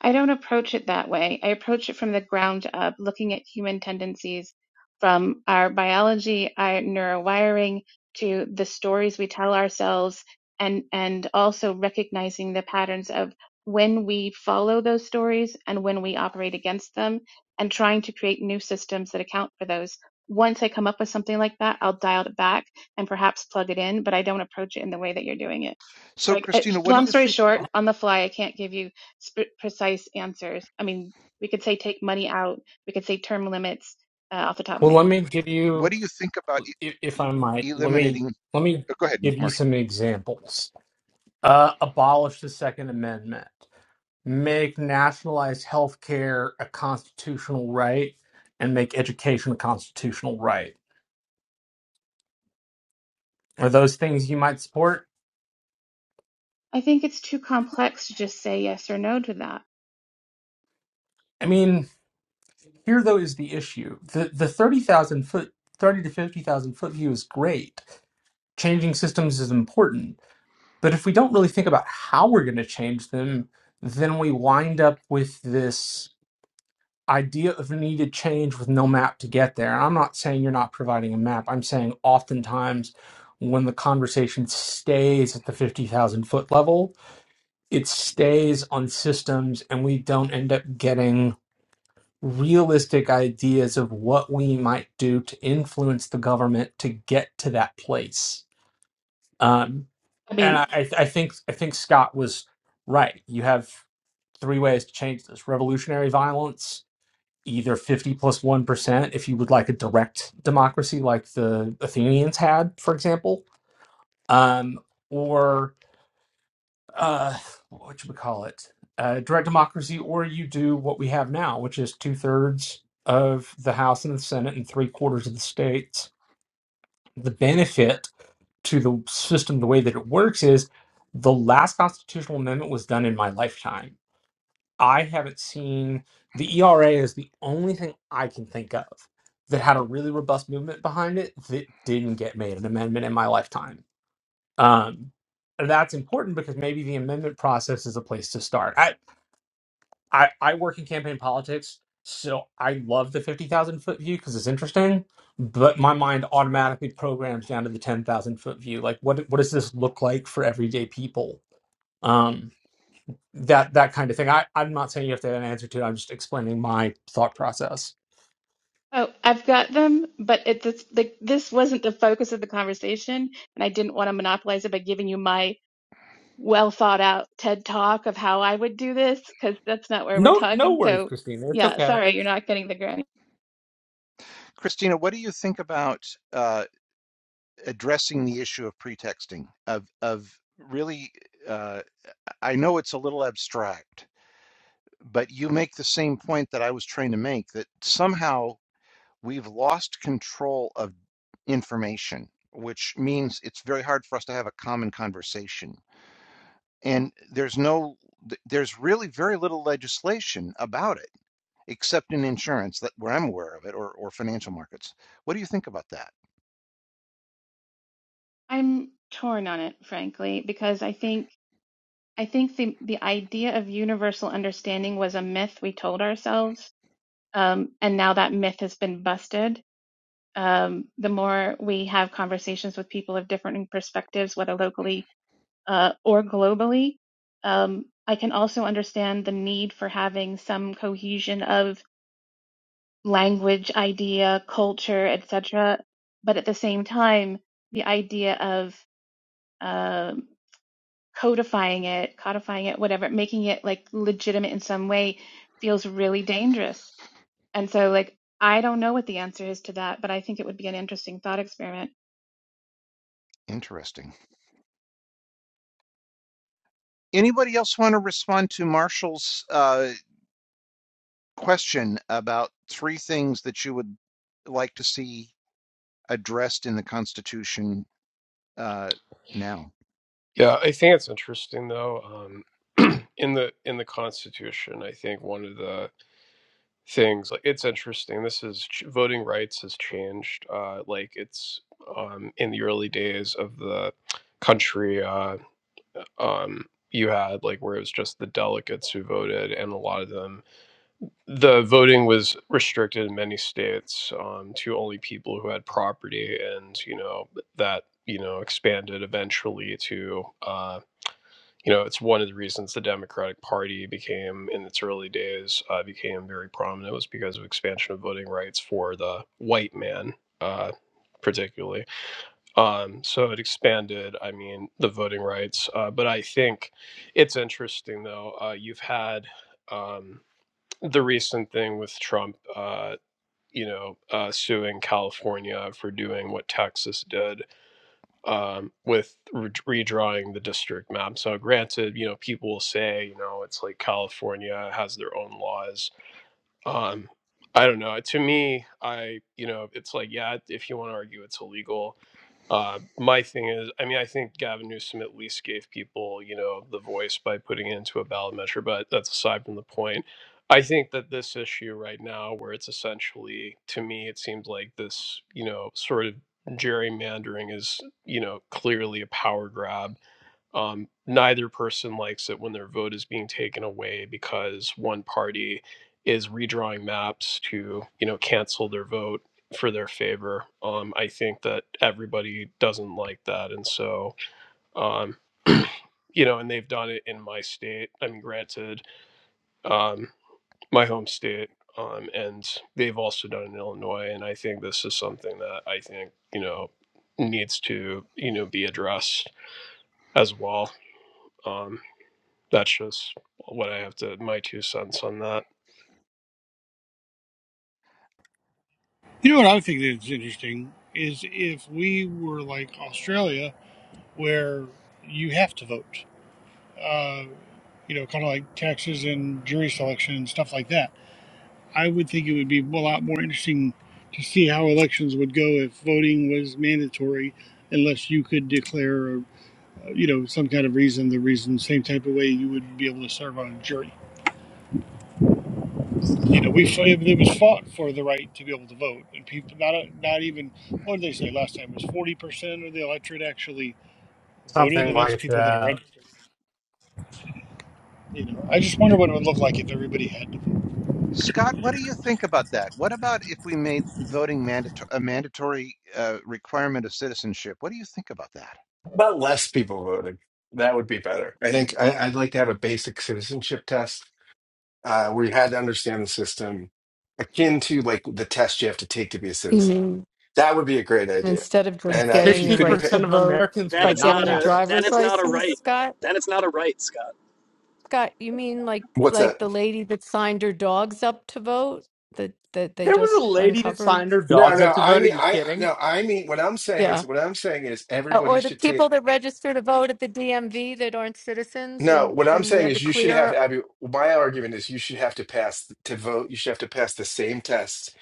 I don't approach it that way. I approach it from the ground up, looking at human tendencies from our biology, our neurowiring, to the stories we tell ourselves, and, and also recognizing the patterns of when we follow those stories and when we operate against them, and trying to create new systems that account for those. Once I come up with something like that, I'll dial it back and perhaps plug it in, but I don't approach it in the way that you're doing it.
So,
So,
Christina, what do
long
you
story
think?
short, on the fly, I can't give you sp- precise answers. I mean, we could say take money out. We could say term limits uh, off the top of
Well,
my head.
let me give
What
you,
do you think about
i- if I might,
e-
let me
eliminating?
let me
oh, go ahead,
give you
Marshall.
some examples. Uh, abolish the Second Amendment. make nationalized health care a constitutional right and make education a constitutional right. Are those things you might support?
I think it's too complex to just say yes or no to that.
I mean, here though is the issue. The the 30,000 foot 30 to 50,000 foot view is great. Changing systems is important, but if we don't really think about how we're going to change them, then we wind up with this idea of needed change with no map to get there. And I'm not saying you're not providing a map. I'm saying oftentimes when the conversation stays at the 50,000 foot level, it stays on systems and we don't end up getting realistic ideas of what we might do to influence the government to get to that place. Um,
I
and
mean,
I I think I think Scott was right. You have three ways to change this: revolutionary violence, either 50 1% if you would like a direct democracy like the Athenians had, for example, um, or uh, what should we call it? Uh, direct democracy, or you do what we have now, which is two thirds of the House and the Senate and three quarters of the states. The benefit to the system, the way that it works, is the last constitutional amendment was done in my lifetime I haven't seen the ERA is the only thing I can think of that had a really robust movement behind it that didn't get made an amendment in my lifetime. Um, and that's important because maybe the amendment process is a place to start. I I, I work in campaign politics, so I love the fifty thousand foot view because it's interesting. But my mind automatically programs down to the ten thousand foot view. Like, what what does this look like for everyday people? Um, that that kind of thing. I, I'm not saying you have to have an answer to it. I'm just explaining my thought process.
oh, I've got them, but it, this, like, this wasn't the focus of the conversation, and I didn't want to monopolize it by giving you my well thought out TED talk of how I would do this, because that's not where we're
No, no
talking.
worries,
So,
Christina. It's
yeah,
okay.
sorry, you're not getting the granny.
Christina, what do you think about uh, addressing the issue of pretexting? Of of really, uh, I know it's a little abstract, but you make the same point that I was trying to make that somehow. we've lost control of information, which means it's very hard for us to have a common conversation. And there's no, there's really very little legislation about it, except in insurance that where I'm aware of it or, or financial markets. What do you think about that?
I'm torn on it, frankly, because I think I think the the idea of universal understanding was a myth we told ourselves, um, and now that myth has been busted. Um, the more we have conversations with people of different perspectives, whether locally uh, or globally, um, I can also understand the need for having some cohesion of language, idea, culture, etc. But at the same time, the idea of uh, codifying it, codifying it, whatever, making it like legitimate in some way feels really dangerous. And so, like, I don't know what the answer is to that, but I think it would be an interesting thought experiment.
Interesting. Anybody else want to respond to Marshall's uh, question about three things that you would like to see addressed in the Constitution uh, now?
Yeah, I think it's interesting though. Um, in the in the Constitution, I think one of the things like it's interesting. This is ch- voting rights has changed. Uh, like it's um, in the early days of the country, uh, um, you had like where it was just the delegates who voted, and a lot of them the voting was restricted in many states um, to only people who had property, and you know that you know expanded eventually to uh, you know it's one of the reasons the Democratic Party became in its early days uh, became very prominent was because of expansion of voting rights for the white man. Uh, particularly um so it expanded i mean the voting rights uh but i think it's interesting though uh you've had um the recent thing with Trump, uh, you know, uh, suing California for doing what Texas did um, with re- redrawing the district map. So, granted, you know, people will say, you know, it's like California has their own laws um i don't know to me i you know it's like yeah if you want to argue it's illegal uh my thing is i mean i think gavin newsom at least gave people you know the voice by putting it into a ballot measure but that's aside from the point i think that this issue right now where it's essentially to me it seems like this you know sort of gerrymandering is you know clearly a power grab um, neither person likes it when their vote is being taken away because one party is redrawing maps to, you know, cancel their vote for their favor. Um, I think that everybody doesn't like that, and so, um, you know, and they've done it in my state. I mean, granted, um, my home state. Um, and they've also done it in Illinois, and I think this is something that I think you know needs to you know be addressed as well. Um that's just what I have to my two cents on that.
You know what I think is interesting is if we were like Australia, where you have to vote. You know, kind of like taxes and jury selection and stuff like that I would think it would be a lot more interesting to see how elections would go if voting was mandatory, unless you could declare, uh, you know, some kind of reason, the reason, same type of way you would be able to serve on a jury. You know, we it was fought for the right to be able to vote, and people not not even what did they say last time It was forty percent of the electorate actually voted,
Something
and that's
like
people that are
that.
registered. You know, I just wonder what it would look like if everybody had to vote.
Scott, what do you think about that? What about if we made voting mandatory a mandatory uh, requirement of citizenship? What do you think about that?
How About less people voting, that would be better. I think I, I'd like to have a basic citizenship test uh, where you had to understand the system, akin to like the test you have to take to be a citizen.
Amen.
That would be a great idea.
Instead of just
And uh, if
getting
you
the
Sixty
couldn't
right
pay,
to
percent of
vote
Americans
Then
by
would
it's
not
not
getting a
a
pass it.
then
driver's
it's not a
license,
right.
Scott,
Then it's not a right, Scott.
Scott, you mean like
what's that?
like the lady that signed her dogs up to vote that that they
There
just
was a lady that
uncovered?
signed her
No,
dogs up
no,
to
I
vote. Are
mean,
you
I
kidding?
no, I mean, what I'm saying is,
Yeah.
what I'm saying is,
Or
everybody
or the
should take.
people that register to vote at the DMV that aren't citizens
No,
and
what I'm
and we
saying
had to
is you should have,
clear.
Abby, my argument is you should have to pass to vote. You should have to pass the same tests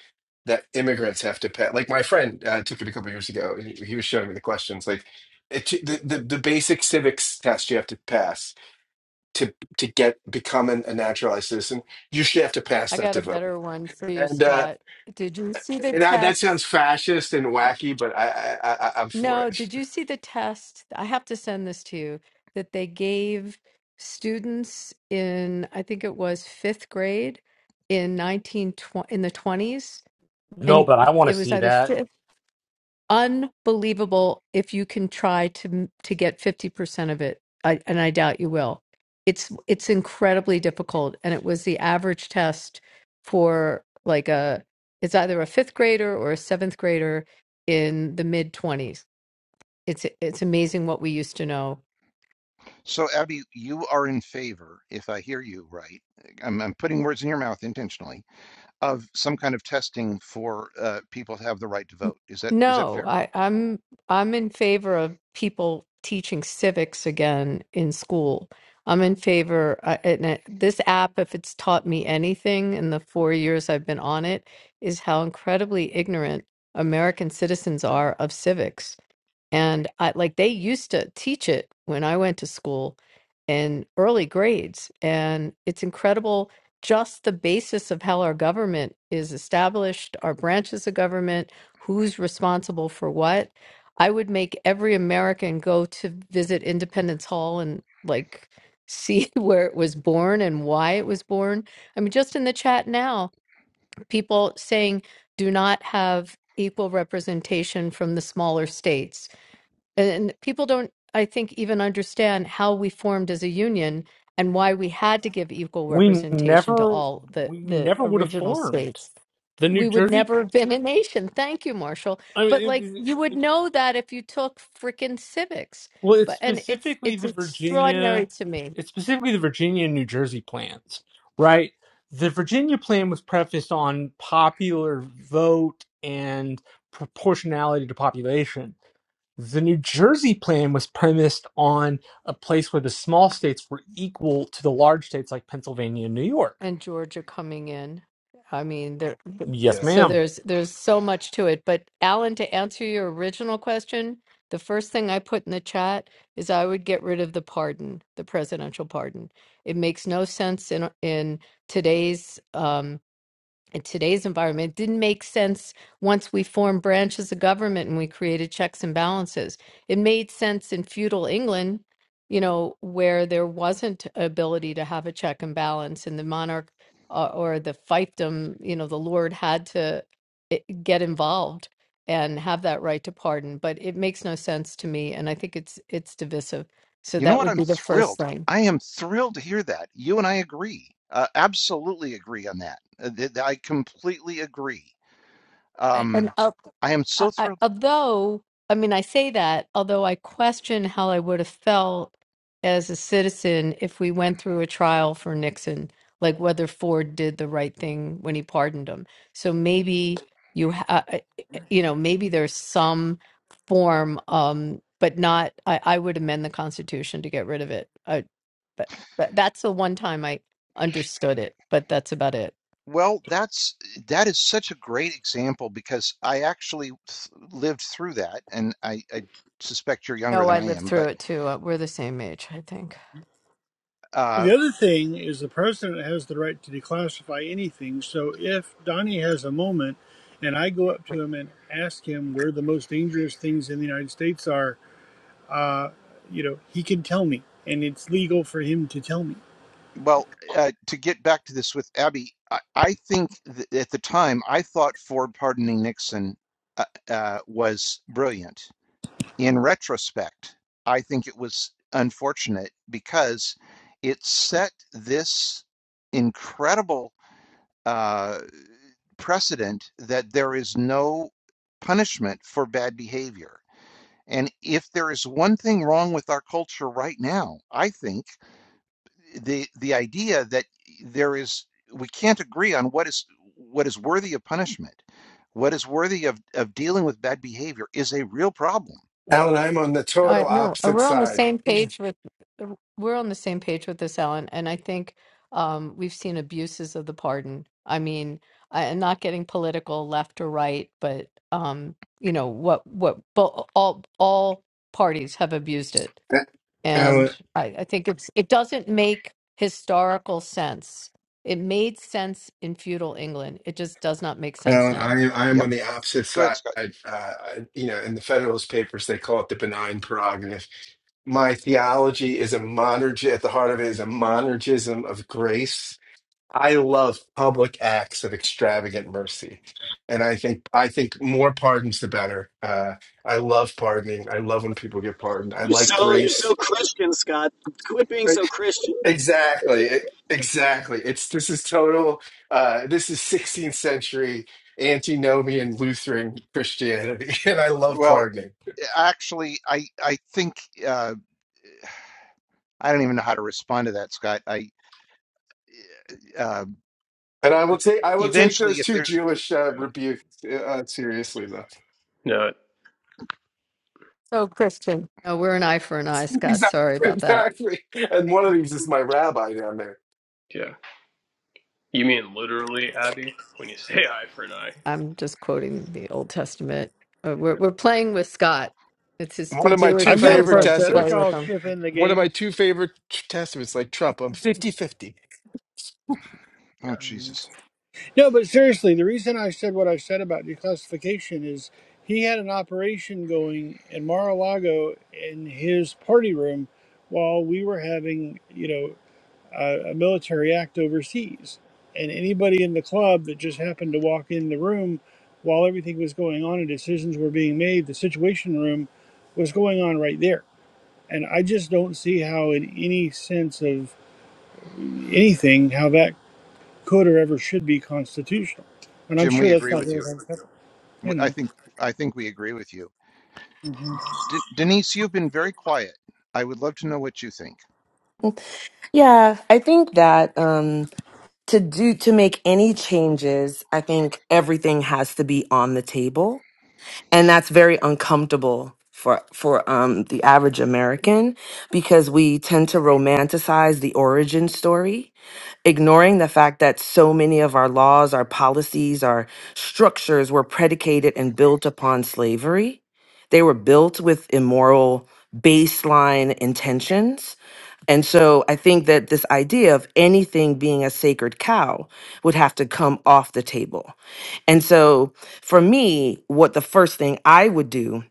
that immigrants have to pass. Like my friend uh, took it a couple of years ago, and he he was showing me the questions. Like it, the, the the basic civics test you have to pass to to get become an, a naturalized citizen. You should have to pass
I
that
got
to
a
vote.
better one for you,
And uh,
Scott. Did you see the
and I, that
tests?
sounds fascist and wacky, but I, I, I, I- I'm for
No,
it.
did you see the test? I have to send this to you that they gave students in, I think it was fifth grade in 1920 in the 20s,
No,
and
but I want to
it was
see
either
that.
fifth. Unbelievable if you can try to to get 50% of it. I, and I doubt you will. It's it's incredibly difficult, and it was the average test for like a it's either a fifth grader or a seventh grader in the mid 20s it's it's amazing what we used to know.
So, Abby, you are in favor, if I hear you right, I'm, I'm putting words in your mouth intentionally, of some kind of testing for uh, people to have the right to vote. Is that is that
No,
fair?
I, I'm I'm in favor of people teaching civics again in school. I'm in favor. Uh, and it, this app, if it's taught me anything in the four years I've been on it, is how incredibly ignorant American citizens are of civics And I like they used to teach it when I went to school in early grades. And it's incredible just the basis of how our government is established, our branches of government, who's responsible for what. I would make every American go to visit Independence Hall and like see where it was born and why it was born. I mean, just in the chat now, people saying do not have equal representation from the smaller states and people don't i think even understand how we formed as a union and why we had to give equal
We
representation to
never,
all the
we
the
never would have
original
formed
states
the New
we would
Jersey.
never have been a nation thank you marshall
I mean,
but
it,
like you would know that if you took freaking civics
well, it's
but and it's
specifically
it's
the
extraordinary
Virginia,
to me
it's specifically the Virginia and New Jersey plans, right? The Virginia plan was prefaced on popular vote and proportionality to population. The New Jersey plan was premised on a place where the small states were equal to the large states like Pennsylvania and New York.
and Georgia coming in. I mean, there,
Yes,
Yeah.
so
ma'am.
there's there's so much to it. But Alan, to answer your original question, the first thing I put in the chat is I would get rid of the pardon, the presidential pardon. It makes no sense in in today's um, in today's environment it didn't make sense once we formed branches of government and we created checks and balances. It made sense in feudal England, you know, where there wasn't ability to have a check and balance, and the monarch uh, or the fiefdom, you know, the lord had to i- get involved and have that right to pardon. But it makes no sense to me, and I think it's it's divisive. So
You know
that
what?
would
I'm
be the first
thrilled.
thing.
I am thrilled to hear that. You and I agree. Uh, absolutely agree on that. Uh, th- th- I completely agree.
A- And
Um,
uh,
I am
I,
so
I,
thrilled.
although, I mean, I say that, although I question how I would have felt as a citizen if we went through a trial for Nixon, like whether Ford did the right thing when he pardoned him. So maybe you, ha- I- I- you know, maybe there's some form, um, but not. I, I would amend the Constitution to get rid of it. I, but, but that's the one time I understood it. But that's about it.
Well, that's that is such a great example because I actually th- lived through that, and I, I suspect you're younger
No,
than
I
I
lived
am.
through
But
it too. Uh, We're the same age, I think.
But
uh,
the other thing is the president has the right to declassify anything. So if Donnie has a moment and I go up to him and ask him where the most dangerous things in the United States are, you know, he can tell me and it's legal for him to tell me.
well, uh, to get back to this with Abby, I, I think th at the time I thought Ford pardoning Nixon uh, uh, was brilliant. In retrospect, I think it was unfortunate because it set this incredible uh, precedent that there is no punishment for bad behavior. And if there is one thing wrong with our culture right now, I think the the idea that there is we can't agree on what is what is worthy of punishment, what is worthy of, of dealing with bad behavior is a real problem.
Alan, I'm on the
Uh,
total
no, uh,
opposite
we're on the
side.
same
Yeah.
page with we're on the same page with this, Ellen, and I think um, we've seen abuses of the pardon. I mean, I, am not getting political, left or right, but um, you know what? What bo- all all parties have abused it,
A-
Yeah.
and
Alan,
I, I think it's it doesn't make historical sense. It made sense in feudal England. It just does not make sense
Alan,
now.
I am I am
Yep.
on the opposite
Go ahead,
side.
Scott.
Uh, I- you know, in the Federalist Papers, they call it the benign prerogative. My theology is a monergi. At the heart of it is a monergism of grace. I love public acts of extravagant mercy, and I think I think more pardons the better. Uh, I love pardoning. I love when people get pardoned. I
You're
like
so you're
grace.
so Christian, Scott. Quit being
E-
so Christian.
Exactly. E- Exactly. It's this is total. Uh, this is 16th century antinomian Lutheran Christianity, and I love
Well,
pardoning.
actually, I I think uh, I don't even know how to respond to that, Scott. I uh,
And I will take I will take
eventually,
those
if
two
there's
Jewish uh, rebukes uh, uh, seriously, though.
No.
So, Christian, no, we're an eye for an eye, Scott. Sorry
Exactly.
about that.
Exactly. And one of these is my rabbi down there.
Yeah. You mean literally, Abby? When you say eye for an eye?
I'm just quoting the Old Testament. Uh, We're we're playing with Scott. It's his
One
two
of my
Jewish
two
I've got a
friends
favorite
like to
prosthetic.
play
testaments.
with
I'll
him.
chip in the
One of my
game.
two favorite t- testaments, like Trump. I'm fifty-fifty.
oh
Yeah.
Jesus,
No, but seriously, the reason I said what I said about declassification is he had an operation going in Mar-a-Lago in his party room while we were having, you know, a, a military act overseas. And anybody in the club that just happened to walk in the room while everything was going on and decisions were being made, the situation room was going on right there. And I just don't see how, in any sense of anything, how that could or ever should be constitutional. And I'm
Jim,
sure
we
that's
agree
not
with you.
really unacceptable, you
W- I
know.
think I think we agree with you. D Denise, you've been very quiet. I would love to know what you think.
Yeah, I think that um, to do to make any changes, I think everything has to be on the table and that's very uncomfortable for for um the average american because we tend to romanticize the origin story ignoring the fact that so many of our laws our policies our structures were predicated and built upon slavery they were built with immoral baseline intentions and so i think that this idea of anything being a sacred cow would have to come off the table and so for me, what the first thing I would do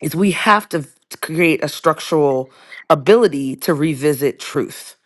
is we have to create a structural ability to revisit truth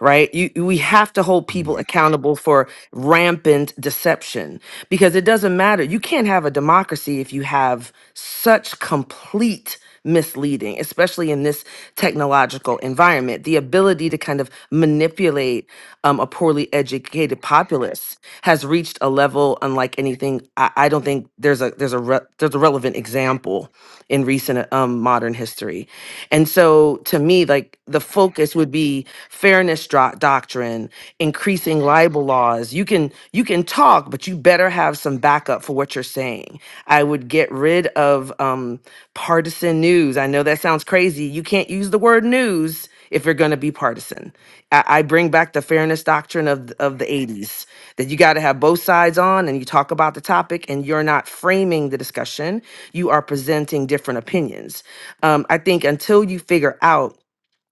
right you- we have to hold
Mm.
people accountable for rampant deception because it doesn't matter you can't have a democracy if you have such complete misleading especially in this technological environment the ability to kind of manipulate um, a poorly educated populace has reached a level unlike anything i, I don't think there's a there's a re- there's a relevant example in recent um, modern history. And so to me, like the focus would be fairness dro- doctrine, increasing libel laws. You can you can talk, but you better have some backup for what you're saying. I would get rid of um, partisan news. I know that sounds crazy. You can't use the word news if you're going to be partisan. I, I bring back the fairness doctrine of th- of the 80s that you got to have both sides on and you talk about the topic and you're not framing the discussion you are presenting different opinions. Um, I think until you figure out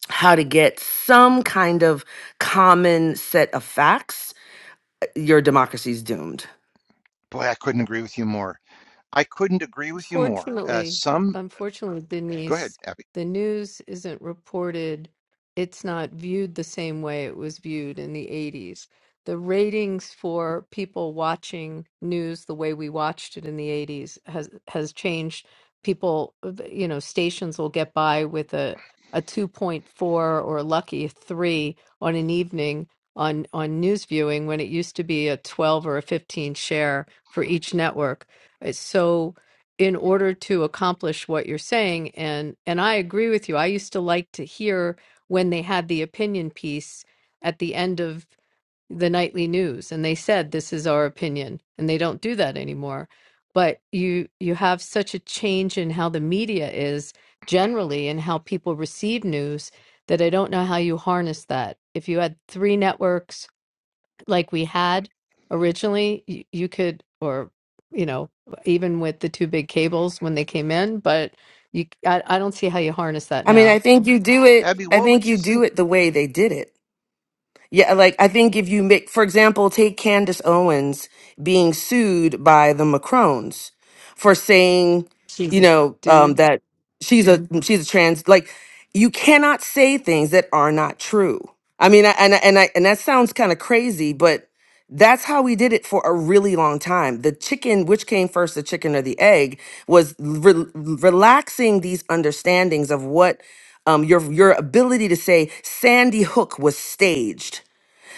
how to get some kind of common set of facts, your democracy is doomed.
Boy, I couldn't agree with you more. I couldn't agree with you more. Uh,
Unfortunately,
some,
unfortunately,
go ahead,
Denise,
Abby.
the news isn't reported. It's not viewed the same way it was viewed in the 80s. The ratings for people watching news the way we watched it in the 80s has has changed. People, you know, stations will get by with a a 2.4 or lucky a 3 on an evening on on news viewing when it used to be a 12 or a 15 share for each network. It's so in order to accomplish what you're saying and and I agree with you. I used to like to hear when they had the opinion piece at the end of the nightly news and they said this is our opinion and they don't do that anymore. But you you have such a change in how the media is generally and how people receive news that I don't know how you harness that. If you had three networks like we had originally you, you could or you know even with the two big cables when they came in but you i, I don't see how you harness that
I mean, I
now
think you do it.
Abby,
I
what would
think
you
you
think?
do it the way they did it. Yeah, like I think if you make, for example, take Candace Owens being sued by the Macrones for saying,
she's
you
a
know, um,
dude
that she's a Mhm. she's a trans. Like, you cannot say things that are not true. I mean, I, and I- and I, and that sounds kind of crazy, but that's how we did it for a really long time. The chicken, which came first, the chicken or the egg? was re- relaxing these understandings of what um, your your ability to say Sandy Hook was staged.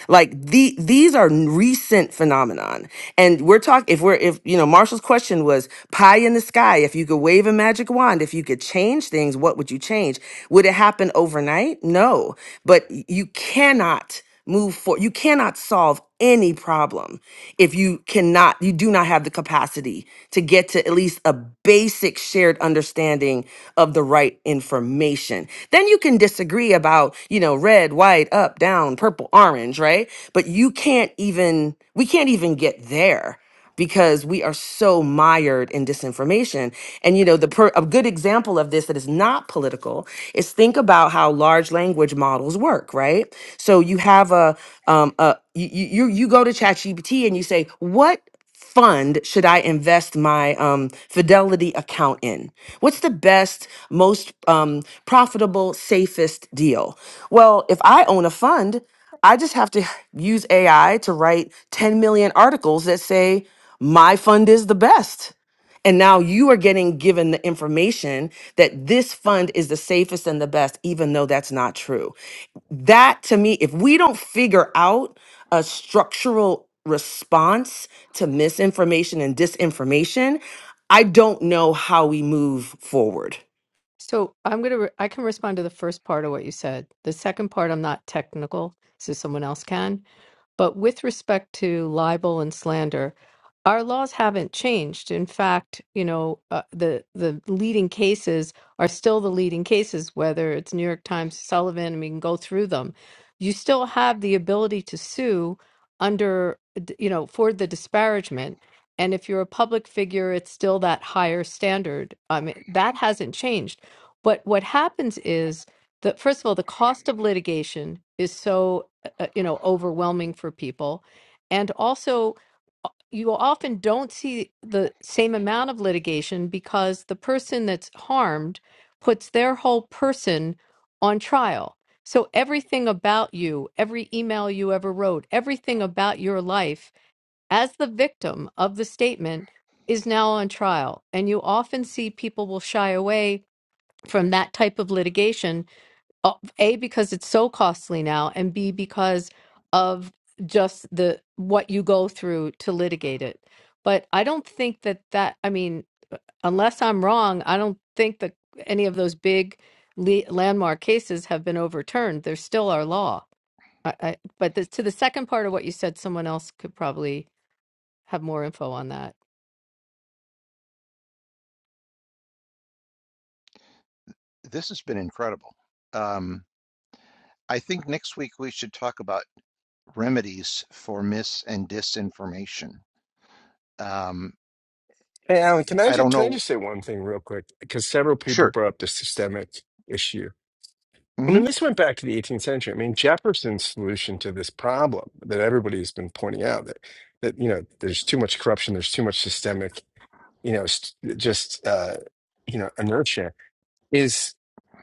Like the these are recent phenomenon, and we're talking if we're if you know Marshall's question was pie in the sky. If you could wave a magic wand, if you could change things, what would you change? Would it happen overnight? No, but you cannot move for you cannot solve any problem if you cannot you do not have the capacity to get to at least a basic shared understanding of the right information then you can disagree about you know red white up down purple orange right but you can't even we can't even get there because we are so mired in disinformation and you know the per- a good example of this that is not political is think about how large language models work right so you have a um a you you, you go to ChatGPT and you say what fund should i invest my um, fidelity account in what's the best most um, profitable safest deal well if i own a fund I just have to use AI to write 10 million articles that say, my fund is the best. And now you are getting given the information that this fund is the safest and the best, even though that's not true. That to me, if we don't figure out a structural response to misinformation and disinformation, I don't know how we move forward.
so i'm gonna re- i can respond to the first part of what you said the second part i'm not technical so someone else can But with respect to libel and slander, our laws haven't changed. In fact, you know, uh, the the leading cases are still the leading cases, whether it's New York Times, Sullivan, and we can go through them. You still have the ability to sue under, you know, for the disparagement. And if you're a public figure, it's still that higher standard. I mean, that hasn't changed. But what happens is that, first of all, the cost of litigation is so uh, you know overwhelming for people and also uh, you often don't see the same amount of litigation because the person that's harmed puts their whole person on trial so everything about you every email you ever wrote everything about your life as the victim of the statement is now on trial and you often see people will shy away from that type of litigation uh, a because it's so costly now and b because of just the what you go through to litigate it but i don't think that that i mean unless i'm wrong i don't think that any of those big le- landmark cases have been overturned They're still our law I, I, but the, to the second part of what you said someone else could probably have more info on that
This has been incredible. Um, I think next week we should talk about remedies for mis and disinformation. Um,
Hey, Alan, can I,
I
just,
don't
can I
know.
just say one thing real quick? Because several people
Sure.
brought up the systemic issue. I
hmm
mean, this went back to the 18th century. I mean, Jefferson's solution to this problem that everybody's been pointing out that, that you know, there's too much corruption, there's too much systemic, you know, st- just, uh, you know, inertia is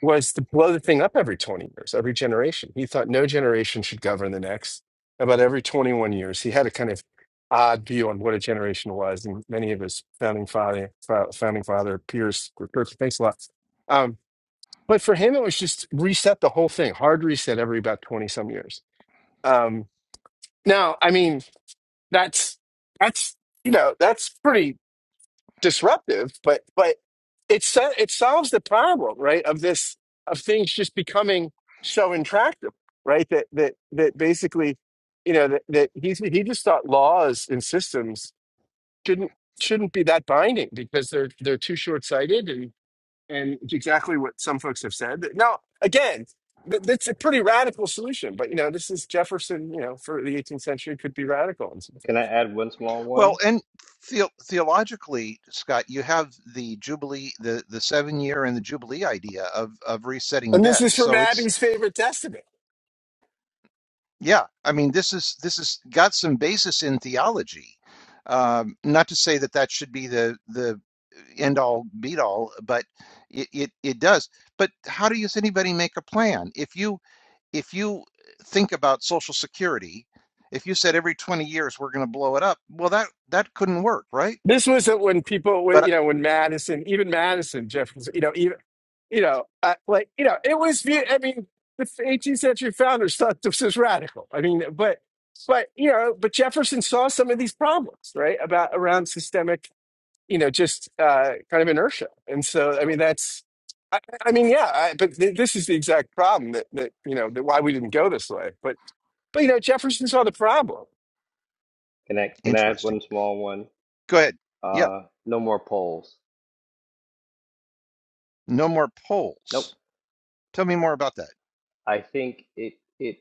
was to blow the thing up every 20 years, every generation. He thought no generation should govern the next. About every 21 years, he had a kind of odd view on what a generation was, and many of his founding father, fa- founding father peers were perfect. Thanks a lot. Um, but for him, it was just reset the whole thing, hard reset every about 20 some years. Um, now, I mean, that's that's you know that's pretty disruptive, but but it so- it solves the problem, right? Of this of things just becoming so intractable, right? That that that basically, you know, that, that he he just thought laws and systems shouldn't shouldn't be that binding because they're they're too short sighted and and it's exactly what some folks have said. Now again. th- That's a pretty radical solution, but you know this is Jefferson. You know, for the 18th century, could be radical in some
Can I
things.
add one small
Well,
one?
and the, theologically, Scott, you have the jubilee, the the seven year and the jubilee idea of of resetting
And this is
debts.
from
So it's
Abby's favorite testament.
yeah. I mean, this is this has got some basis in theology. Um, not to say that that should be the the end all beat all, but it, it it does. But how does anybody make a plan if you? if you think about Social Security, if you said every 20 years we're going to blow it up, well, that that couldn't work, right?
This was when people, when,
But uh,
you know, when Madison, even Madison, Jefferson, you know, even, you know, uh, like, you know, it was, view- I mean, the 18th century founders thought this was radical. I mean, but, but, you know, but Jefferson saw some of these problems, right? About around systemic, you know, just uh, kind of inertia. And so, I mean, that's, I, I mean, yeah, I, but th- this is the exact problem that, that, you know, that why we didn't go this way. But, but, you know, Jefferson saw the problem
Can I can I add one
interesting.
small one?
Go ahead. Yeah,
Uh, no more polls.
no more
Nope.
polls. Tell me more about that.
I think it it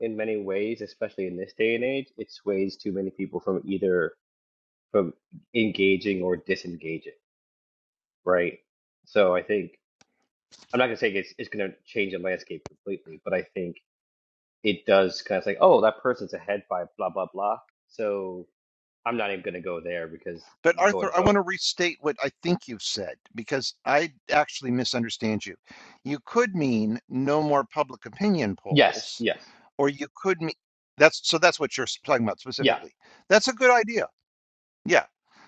in many ways, especially in this day and age, it sways too many people from either from engaging or disengaging, right? So I think I'm not gonna say it's it's gonna change the landscape completely, but I think it does kind of say, oh, that person's ahead by blah blah blah. So I'm not even gonna go there because
But
go
Arthur,
and
I want
vote.
to restate what I think you've said because I actually misunderstand you. You could mean no more public opinion
Yes,
polls,
yes,
or you could mean that's so that's what you're talking about
yeah.
specifically. That's a good idea. Yeah.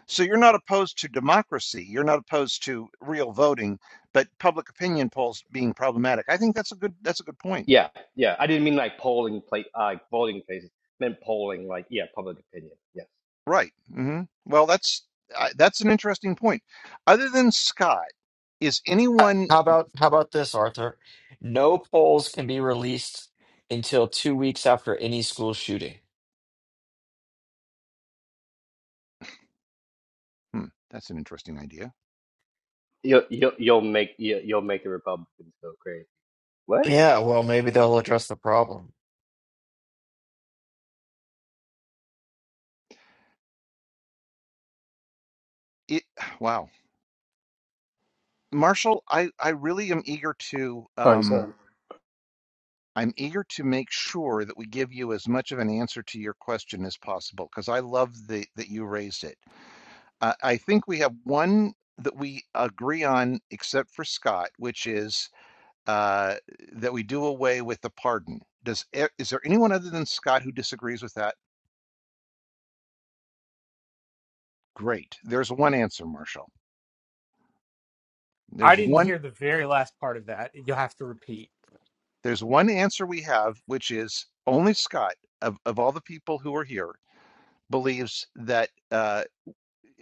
So you're not opposed to democracy. You're not opposed to real voting, but public opinion polls being problematic. I think that's a good that's a good point.
Yeah, yeah. I didn't mean like polling place, uh, like voting places. I meant polling, like yeah, public opinion. Yes,
Right. hmm Well, that's I that's an interesting point. Other than Scott, is
Uh,
anyone?
How about how about this, Arthur? No polls can be released until.
Hmm, that's an interesting idea.
you'll you'll you'll make you'll, you'll make the Republicans go crazy. What?
Yeah, well, maybe they'll address the problem.
It, wow, Marshall, I I really am eager to
Oh, he's
um
on.
I'm eager to make sure that we give you as much of an answer to your question as possible because I love the that you raised it. Uh, I think we have one that we agree on, except for Scott, which is uh, that we do away with the pardon. Does e- is there anyone other than Scott who disagrees with that? Great. There's one answer, Marshall.
I
There's
didn't
one.
hear the very last part of that. You'll have to repeat.
There's one answer we have, which is only Scott of of all the people who are here believes that. Uh,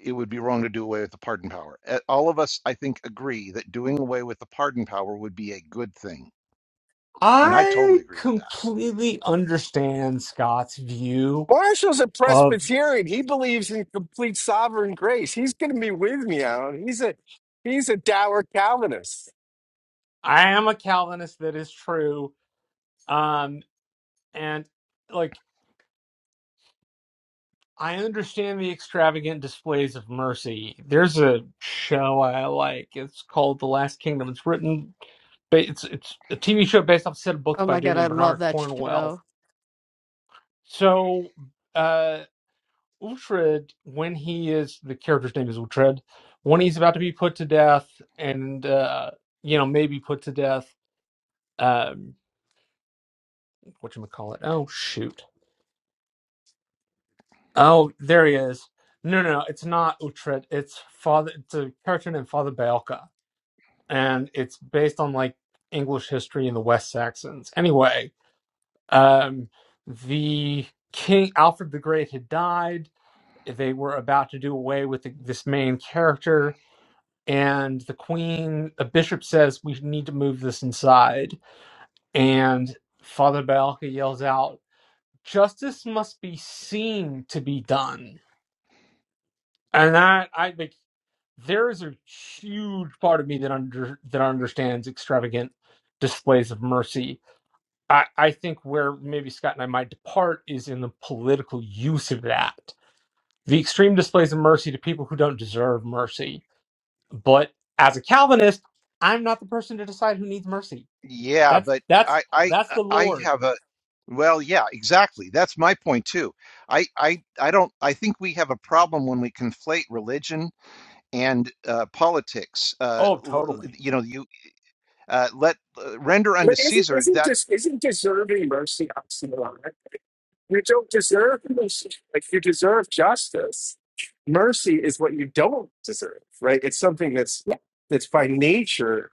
it would be wrong to do away with the pardon power. Uh, All of us, I think, agree that doing away with the pardon power would be a good thing. And I totally
I
agree with that.
completely understand Scott's view
Marshall's a
of
Presbyterian. He believes in complete sovereign grace. He's going to be with me, Alan. He's a he's a dour Calvinist.
I am a Calvinist that is true. Um and like I understand the extravagant displays of mercy. There's a show I like. It's called The Last Kingdom. It's written ba- it's it's a TV show based off a set of books
oh
by a
my
dude
god i
named
love
Bernard
that
Cornwell.
show
So uh, Uhtred, when he is the character's name is Uhtred, when he's about to be put to death, and uh, you know maybe put to death. Um, what you call it? Oh shoot! Oh, there he is. No, no, no, it's not Uhtred. It's father. It's a character named Father Baelka, and it's based on like English history and the West Saxons. Anyway, um, the king Alfred the Great had died. They were about to do away with the, this main character and the queen the bishop says we need to move this inside and father Balca yells out justice must be seen to be done and i i think there is a huge part of me that under that understands extravagant displays of mercy i i think where maybe scott and i might depart is in the political use of that the extreme displays of mercy to people who don't deserve mercy but as a calvinist i'm not the person to decide who needs mercy
Yeah,
That's
but
that's
I I
that's the
I
Lord.
have a well, yeah, exactly. That's my point too. I I I don't I think we have a problem when we conflate religion and uh, politics. Uh,
Oh,
l- l-
totally.
you know, you uh, let uh, render unto
But isn't
Caesar
isn't
that,
just isn't deserving mercy oxymoron? You don't deserve mercy. Like you deserve justice. Mercy is what you don't deserve, right? It's something that's that's by nature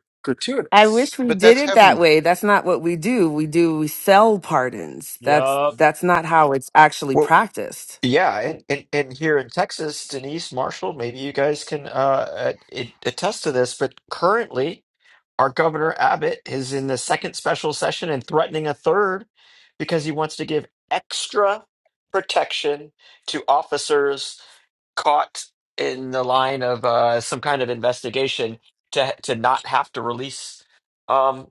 I
gratuitous.
wish we
but
did
that's
it that
heavenly
way. That's not what we do. We do we sell pardons. That's
Yup.
that's not how it's actually
Well,
practiced.
yeah, and, and, and here in Texas, Denise Marshall, maybe you guys can uh, uh, attest to this. But currently, our governor Abbott is in the second special session and threatening a third because he wants to give extra protection to officers caught in the line of uh, some kind of investigation to to not have to release um,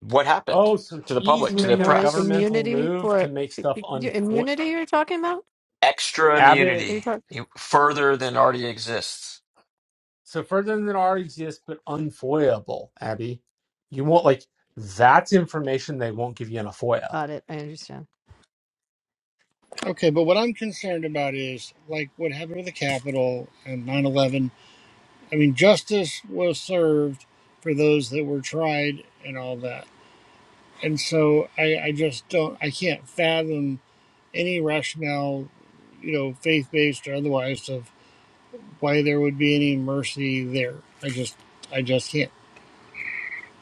what happened
Oh, so
to the
he's
public,
you
to
mean
the
making a
more
press.
governmental
immunity
move
for
to
i-
make stuff
i-
unfo
immunity you're talking about
Extra
Abbott.
are you
immunity
talking
you- further than already exists.
So further than already exists, but unfoyable, Abby. You won't like that's information they won't give you in a FOIA.
Got it. I understand.
Okay, but what I'm concerned about is like what happened with the Capitol and 9 11. I mean, justice was served for those that were tried and all that. and so I, I just don't i can't fathom any rationale you know faith-based or otherwise of why there would be any mercy there i just i just can't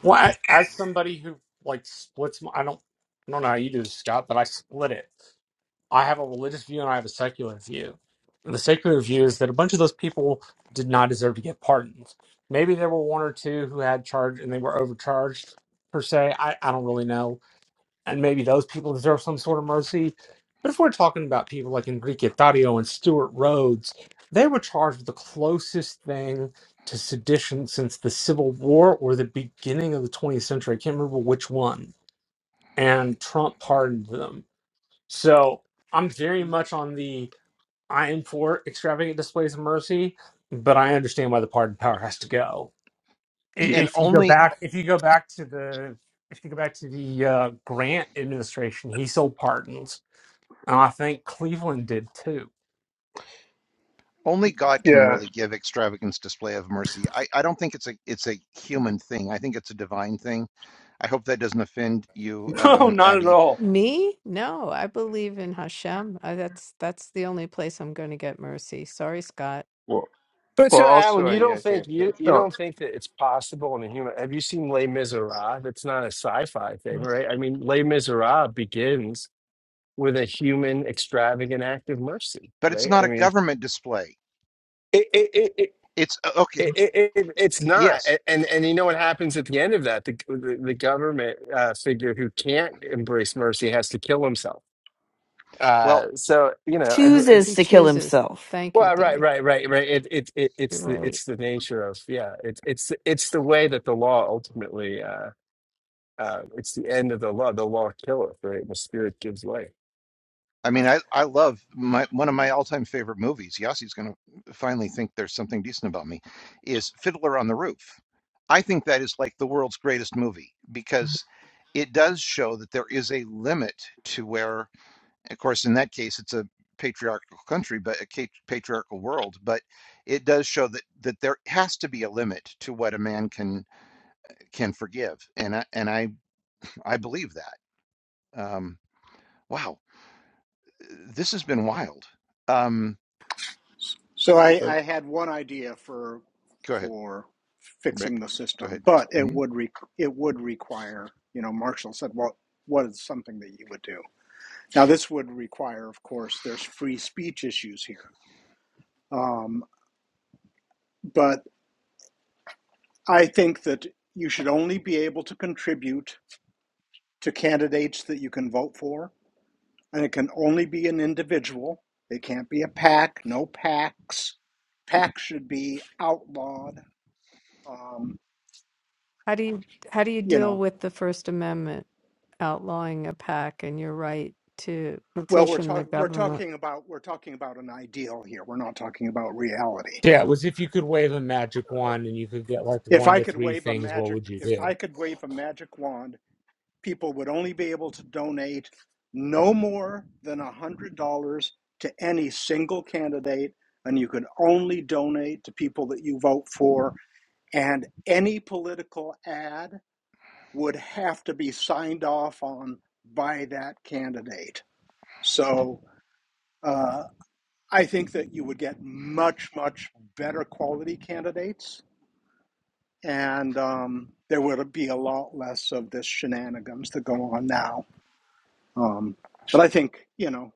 Well, I, as somebody who like splits, my, I don't, I don't know how you do this, Scott, but I split it. I have a religious view and I have a secular view. And the secular view is that a bunch of those people did not deserve to get pardons. Maybe there were one or two who had charged and they were overcharged per se. I, I don't really know. And maybe those people deserve some sort of mercy. But if we're talking about people like Enrique Tario and Stuart Rhodes, they were charged with the closest thing to sedition since the Civil War or the beginning of the 20th century. I can't remember which one. And Trump pardoned them so I'm very much on the I am for extravagant displays of mercy, but I understand why the pardon power has to go. I-
and
If you go
only
back, if you go back to the, if you go back to the uh, Grant administration, he sold pardons, and I think Cleveland did too.
only God can
Yeah.
really give extravagance display of mercy. I, I don't think it's a it's a human thing. I think it's a divine thing. I hope that doesn't offend you,
No,
um,
not at
Abby.
all.
Me? No, I believe in Hashem. I, that's that's the only place I'm going to get mercy. Sorry, Scott.
Well,
But
well.
Sir Alan,
Also, I
you
mean,
don't
I
think
think
you
it's
you
no.
don't think that it's possible in a human? Have you seen Les Miserables? It's not a sci-fi thing, right? I mean, Les Miserables begins with a human extravagant act of mercy,
But it's
right?
not
I
a
mean,
government display.
it it it. it
It's uh, okay.
it, it, it, it's not,
Yes.
A- and and you know what happens at the end of that? The the, the government uh, figure who can't embrace mercy has to kill himself.
Well,
Uh, so you know, and it's
Chooses
He
to kill
chooses.
himself.
Thank you,
Well, right,
Denise.
right, right, right. It, it, it,
You're
it's the,
right.
it's the nature of, yeah. It's, it's, it's the way that the law ultimately, uh, uh, it's the end of the law. The law killeth, right? The spirit gives life.
I mean, I I love my one of my all time favorite movies. Yossi's going to finally think there's something decent about me. Is Fiddler on the Roof? I think that is like the world's greatest movie because it does show that there is a limit to where Of course, in that case, it's a patriarchal country, but a patriarchal world. But it does show that that there has to be a limit to what a man can can forgive, and I, and I I believe that. Um, wow, this has been wild. Um,
So I, I had one idea for
go ahead,
for
Rick.
fixing the
Go
system,
ahead.
but it
Mhm.
would re, it would require you know Marshall said well what is something that you would do now this would require of course there's free speech issues here um, but I think that you should only be able to contribute to candidates that you can vote for and it can only be an individual it can't be a pack no packs packs should be outlawed um,
How do you how do you
you
deal
know
with the First Amendment outlawing a pack? And you're right to
Well, we're
petition the
talking we're
government.
talking about we're talking about an ideal here. We're not talking about reality.
Yeah, it was if you could wave a magic wand and you could get like
If
one
I
to
could
three
wave a
things, what
magic
would you
if I
do?
could wave a magic wand, people would only be able to donate no more than $100 to any single candidate and you could only donate to people that you vote for and any political ad would have to be signed off on by that candidate. So, uh, I think that you would get much, much better quality candidates, and um, there would be a lot less of this shenanigans that go on now. Um, but I think you know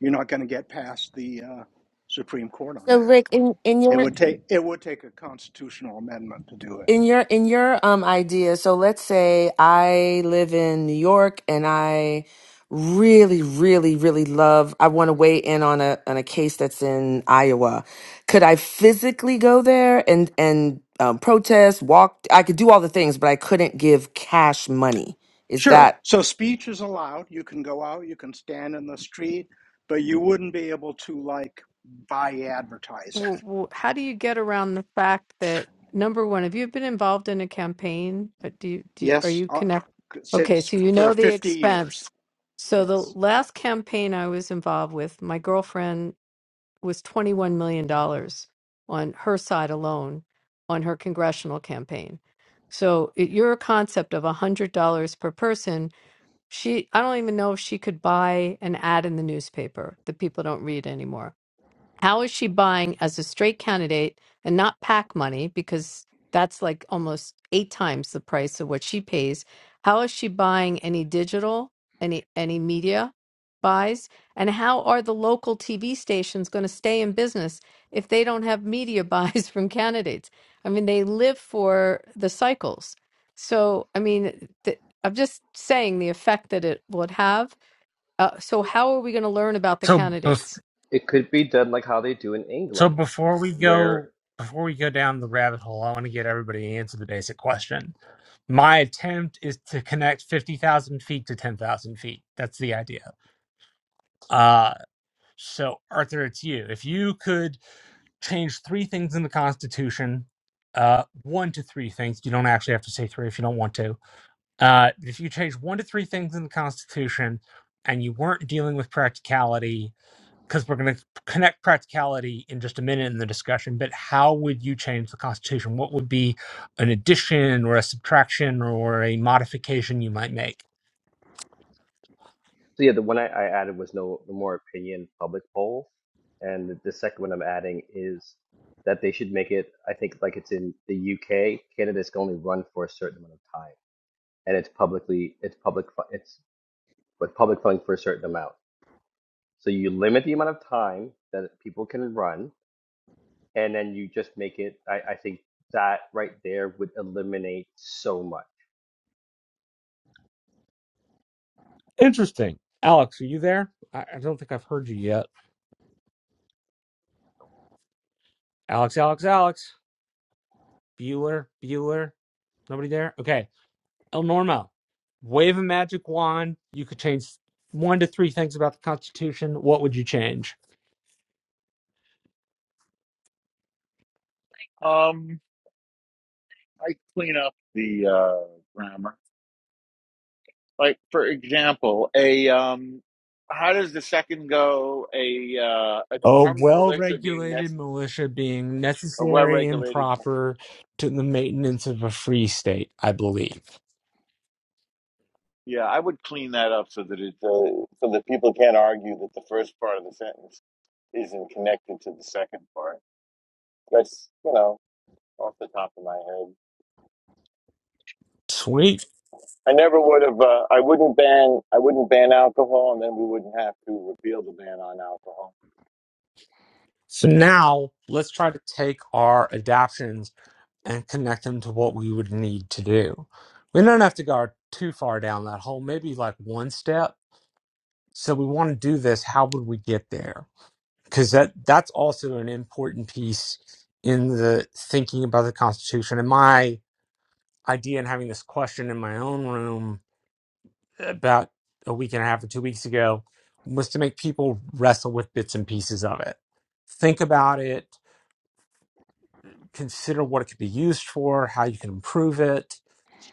you're not going to get past the uh, Supreme Court on
So,
that.
Rick, in, in
It
your
would take it would take a constitutional amendment to do it.
in your in your um idea so let's say i live in new york and i really really really love i want to weigh in on a on a case that's in iowa could i physically go there and and um, protest walk i could do all the things but i couldn't give cash money is
Sure.
that
So speech is allowed. You can go out. You can stand in the street, but you wouldn't be able to like buy advertising.
w- w- how do you get around the fact that number one, have you been involved in a campaign? But do you, do you, are
Yes,
you
uh,
connected? Okay,
since
so you
for
know the
50 years.
expense. So the
Yes.
last campaign I was involved with, my girlfriend was twenty one million dollars on her side alone on her congressional campaign. So it, your concept of a hundred dollars per person, she I don't even know if she could buy an ad in the newspaper that people don't read anymore how is she buying as a straight candidate and not pack money because that's like almost eight times the price of what she pays? How is she buying any digital, any any media buys? And how are the local TV stations going to stay in business if they don't have media buys from candidates? I mean, they live for the cycles. So, I mean, th- I'm just saying the effect that it would have. Uh, so, how are we going to learn about the
So, bef-
candidates?
It could be done like how they do in
so
England,
before we
where
go, before we go down the rabbit hole, I want to get everybody to answer the basic question my attempt is to connect 50,000 feet to 10,000 feet. That's the idea. Uh, so, Arthur, it's you. If you could change three things in the Constitution, uh, one to three things, you don't actually have to say three if you don't want to. Uh, if you change one to three things in the Constitution and you weren't dealing with practicality, because we're going to connect practicality in just a minute in the discussion, but how would you change the Constitution? What would be an addition or a subtraction or a modification you might make?
so yeah, the one I, I added was no no more opinion public polls, and the, the second one I'm adding is that they should make it. I think like it's in the UK, candidates can only run for a certain amount of time, and it's publicly it's public fu- it's with public funding for a certain amount So you limit the amount of time that people can run, and then you just make it. I, I think that right there would eliminate so much.
Interesting. Alex, are you there? I, I don't think I've heard you yet. Alex, Alex, Alex. Bueller, Bueller. Nobody there? Okay. El Normo, wave a magic wand. You could change one to three things about the Constitution. What would you change?
Um, I clean up the uh, grammar. Like for example, a um, how does the second go? A uh, an
A
armed
well
delictor being
regulated
necessary,
militia being
a
necessary and
well-regulated.
proper to the maintenance of a free state, I believe.
Yeah, I would clean that up so that it uh, so that people can't argue that the first part of the sentence isn't connected to the second part. That's you know off the top of my head.
Sweet.
I never would have. Uh, I wouldn't ban. I wouldn't ban alcohol, and then we wouldn't have to repeal the ban on alcohol.
So now let's try to take our adaptions and connect them to what we would need to do. We don't have to go too far down that hole, maybe like one step. So we want to do this. How would we get there? because that that's also an important piece in the thinking about the Constitution. And my idea in having this question in my own room about a week and a half or two weeks ago was to make people wrestle with bits and pieces of it, think about it, consider what it could be used for, how you can improve it,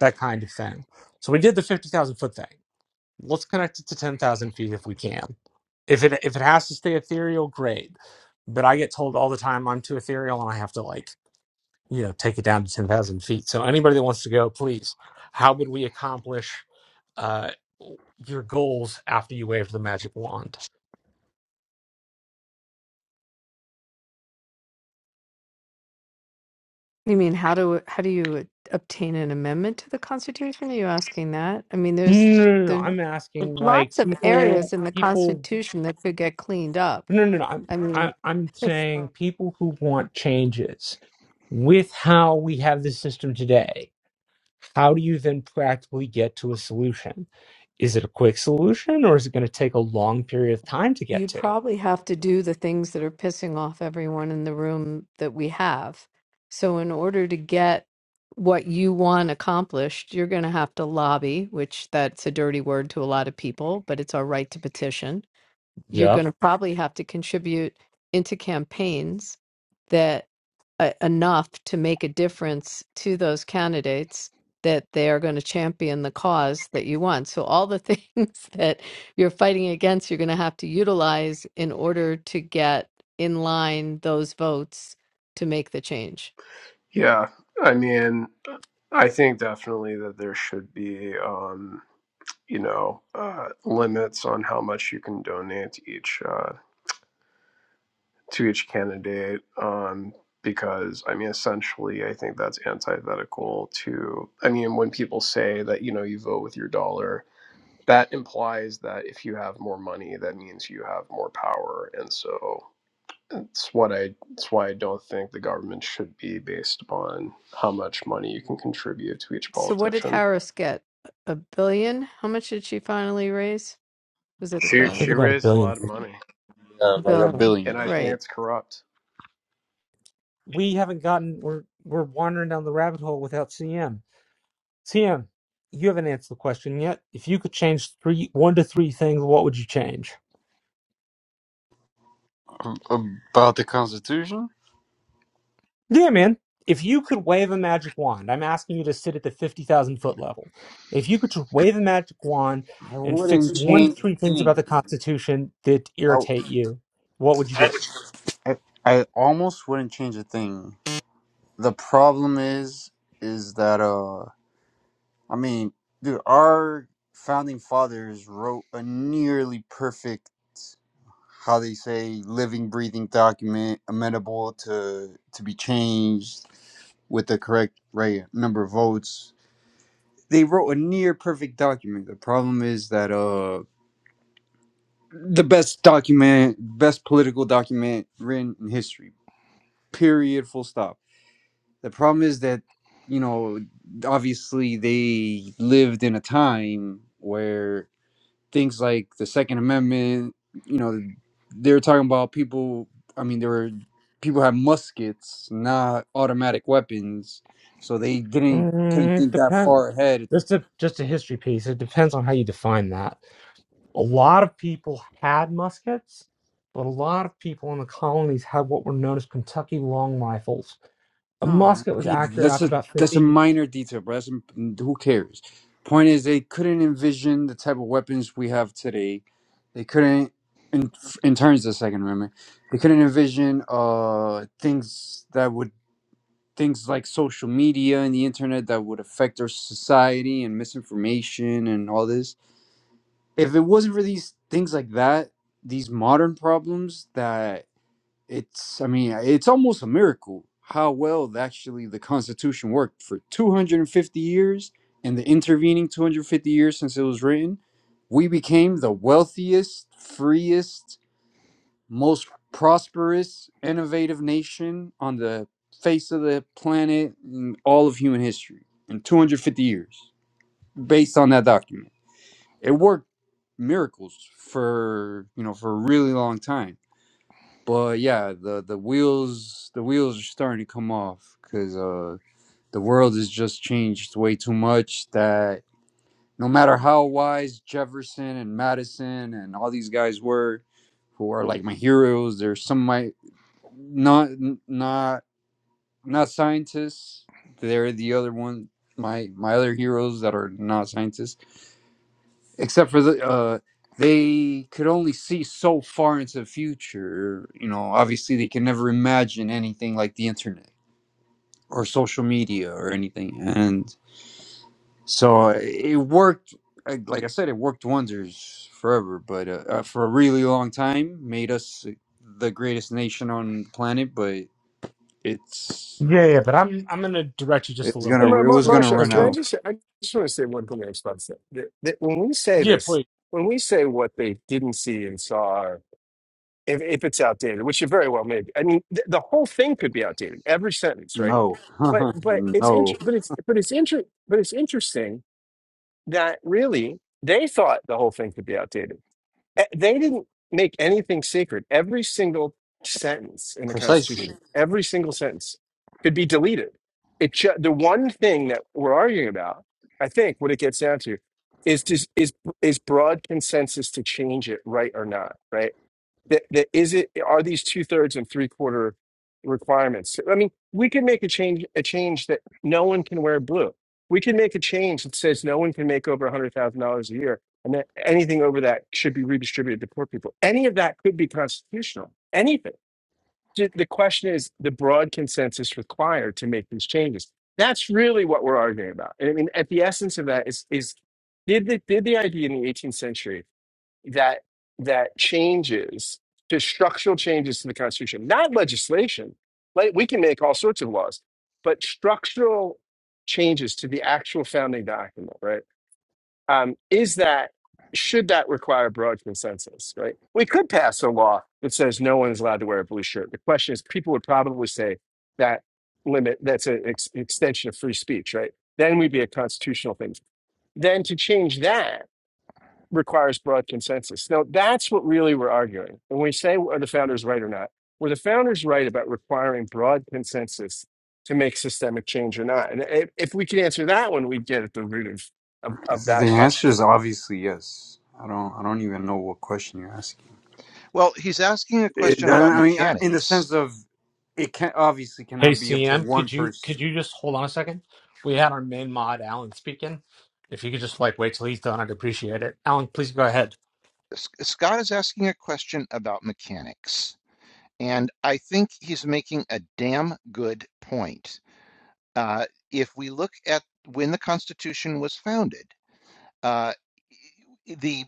that kind of thing. So we did the fifty thousand foot thing. let's connect it to 10,000 feet if we can. If it if it has to stay ethereal, great. But I get told all the time I'm too ethereal and I have to like, you know, take it down to 10,000 feet. So anybody that wants to go, please, how would we accomplish uh, your goals after you wave the magic wand?
You mean how do how do you obtain an amendment to the Constitution? Are you asking that? I mean,
No,
there's
no, no. no. no,
there's
I'm asking like
lots of areas
people,
in the
people.
Constitution that could get cleaned up.
No, no, no. I'm,
I
I,
mean,
I'm
it's,
saying people who want changes. with how we have the system today, how do you then practically get to a solution? Is it a quick solution or is it going to take a long period of time to get
you
to?
probably have to do the things that are pissing off everyone in the room that we have. So, in order to get what you want accomplished, you're going to have to lobby, which that's a dirty word to a lot of people, but it's our right to petition you're
Yep.
going to probably have to contribute into campaigns that uh, enough to make a difference to those candidates that they are going to champion the cause that you want. So all the things that you're fighting against, you're going to have to utilize in order to get in line those votes to make the change.
Yeah. I mean, I think definitely that there should be, um, you know, uh, limits on how much you can donate to each. uh, to each candidate um, because I mean, essentially, I think that's antithetical to. I mean, when people say that you know you vote with your dollar, that implies that if you have more money, that means you have more power, and so it's what I. It's why I don't think the government should be based upon how much money you can contribute to each
So what did
politician.
Harris get? A billion? How much did she finally raise? Was it a
She
I think
she
billion?
about a
raised a
billion
lot of
things.
money,
Yeah, like a
Billion.
billion.
and I think
Right.
it's corrupt.
We haven't gotten, we're, we're wandering down the rabbit hole without CM. CM, you haven't answered the question yet. If you could change three, one to three things, what would you change?
About the Constitution?
Yeah, man. If you could wave a magic wand, I'm asking you to sit at the 50,000 foot level. If you could just wave a magic wand
I
and fix
wouldn't
one to
change a
three things about
thing.
the Constitution that
I,
irritate you, what would you do?
I, I almost wouldn't change a thing. The problem is, is that, uh, I mean, dude, our founding fathers wrote a nearly perfect, how they say, living, breathing document, amenable to, to be changed with the correct right number of votes. They wrote a near perfect document. The problem is that, uh, the best document, best political document written in history. Period. Full stop. The problem is that, you know, obviously they lived in a time where things like the Second Amendment, you know, they were talking about people. I mean, there were people had muskets, not automatic weapons, so they didn't couldn't
Mm,
think that
depends.
far ahead
Just a just a history piece. It depends on how you define that. A lot of people had muskets, but a lot of people in the colonies had what were known as Kentucky long rifles. A
No,
musket was
okay,
accurate
that's
out to
a
about
that's a
50.
minor detail, but that's mm, who cares. Point is, they couldn't envision the type of weapons we have today. They couldn't, in, in terms of the Second Amendment, they couldn't envision uh things that would things like social media and the internet that would affect our society and misinformation and all this. If it wasn't for these things like that, these modern problems that it's i mean it's almost a miracle how well the- actually the constitution worked for 250 years and the intervening 250 years since it was written we became the wealthiest freest most prosperous innovative nation on the face of the planet in all of human history in 250 years based on that document it worked miracles for you know for a really long time but yeah, the the wheels the wheels are starting to come off because uh, the world has just changed way too much. That no matter how wise Jefferson and Madison and all these guys were, who are like my heroes, there's some of my not not not scientists. They're the other one, my my other heroes that are not scientists except for the uh they could only see so far into the future you know obviously they can never imagine anything like the internet or social media or anything and so uh, it worked I- like i said it worked wonders forever but uh, uh, for a really long time made us the greatest nation on the planet but it's
Yeah, yeah, but I'm I'm going to direct you just a
it's
little
gonna
And
bit
Mar-
it
Mar-
was
because we're,
gonna
Marsha,
run
'cause
can
we're
I
out
just, I just want to say one thing in response to that. That- that When we say
Yeah,
this,
please.
when we say what they didn't see and saw, or if, if it's outdated, which it very well may be. I mean, th- the whole thing could be outdated. Every sentence, right?
no
But, but it's
no
inter- but it's, but it's inter- but it's interesting that really they thought the whole thing could be outdated. Eh, They didn't make anything sacred. Every single sentence in the
precisely
Constitution, every single sentence could be deleted. It ju- the one thing that we're arguing about, I think, what it gets down to is dis- is is broad consensus to change it right or not, right? that, that is it are these two thirds and three quarter requirements i mean we can make a change a change that no one can wear blue we can make a change that says no one can make over $100000 a year and that anything over that should be redistributed to poor people any of that could be constitutional anything Ju- the question is the broad consensus required to make these changes that's really what we're arguing about And i mean at the essence of that is is did the, did the idea in the 18th century that that changes to structural changes to the Constitution, not legislation. Like we can make all sorts of laws, but structural changes to the actual founding document, right? Um, is that should that require broad consensus, right? We could pass a law that says no one is allowed to wear a blue shirt. The question is, people would probably say that limit that's an ex- extension of free speech, right? Then we'd be a constitutional thing. Then to change that requires broad consensus. Now, that's what really we're arguing. When we say, are the founders right or not? Were the founders right about requiring broad consensus to make systemic change or not? And if, if we could answer that one, we'd get at the root of, of, of
The
that
answer
question.
is obviously yes. I don't. I don't even know what question you're asking.
Well, he's asking a
It,
question
I
about
I mean, I- in the
mechanics.
sense of, it can obviously
Hey,
cannot be up to
CM,
one
could you could
person.
you just hold on a second? We had our main mod, Alan, speaking. If you could just like wait till he's done, I'd appreciate it. Alan, please go ahead.
S- Scott is asking a question about mechanics, and I think he's making a damn good point. Uh, if we look at when the Constitution was founded, uh, the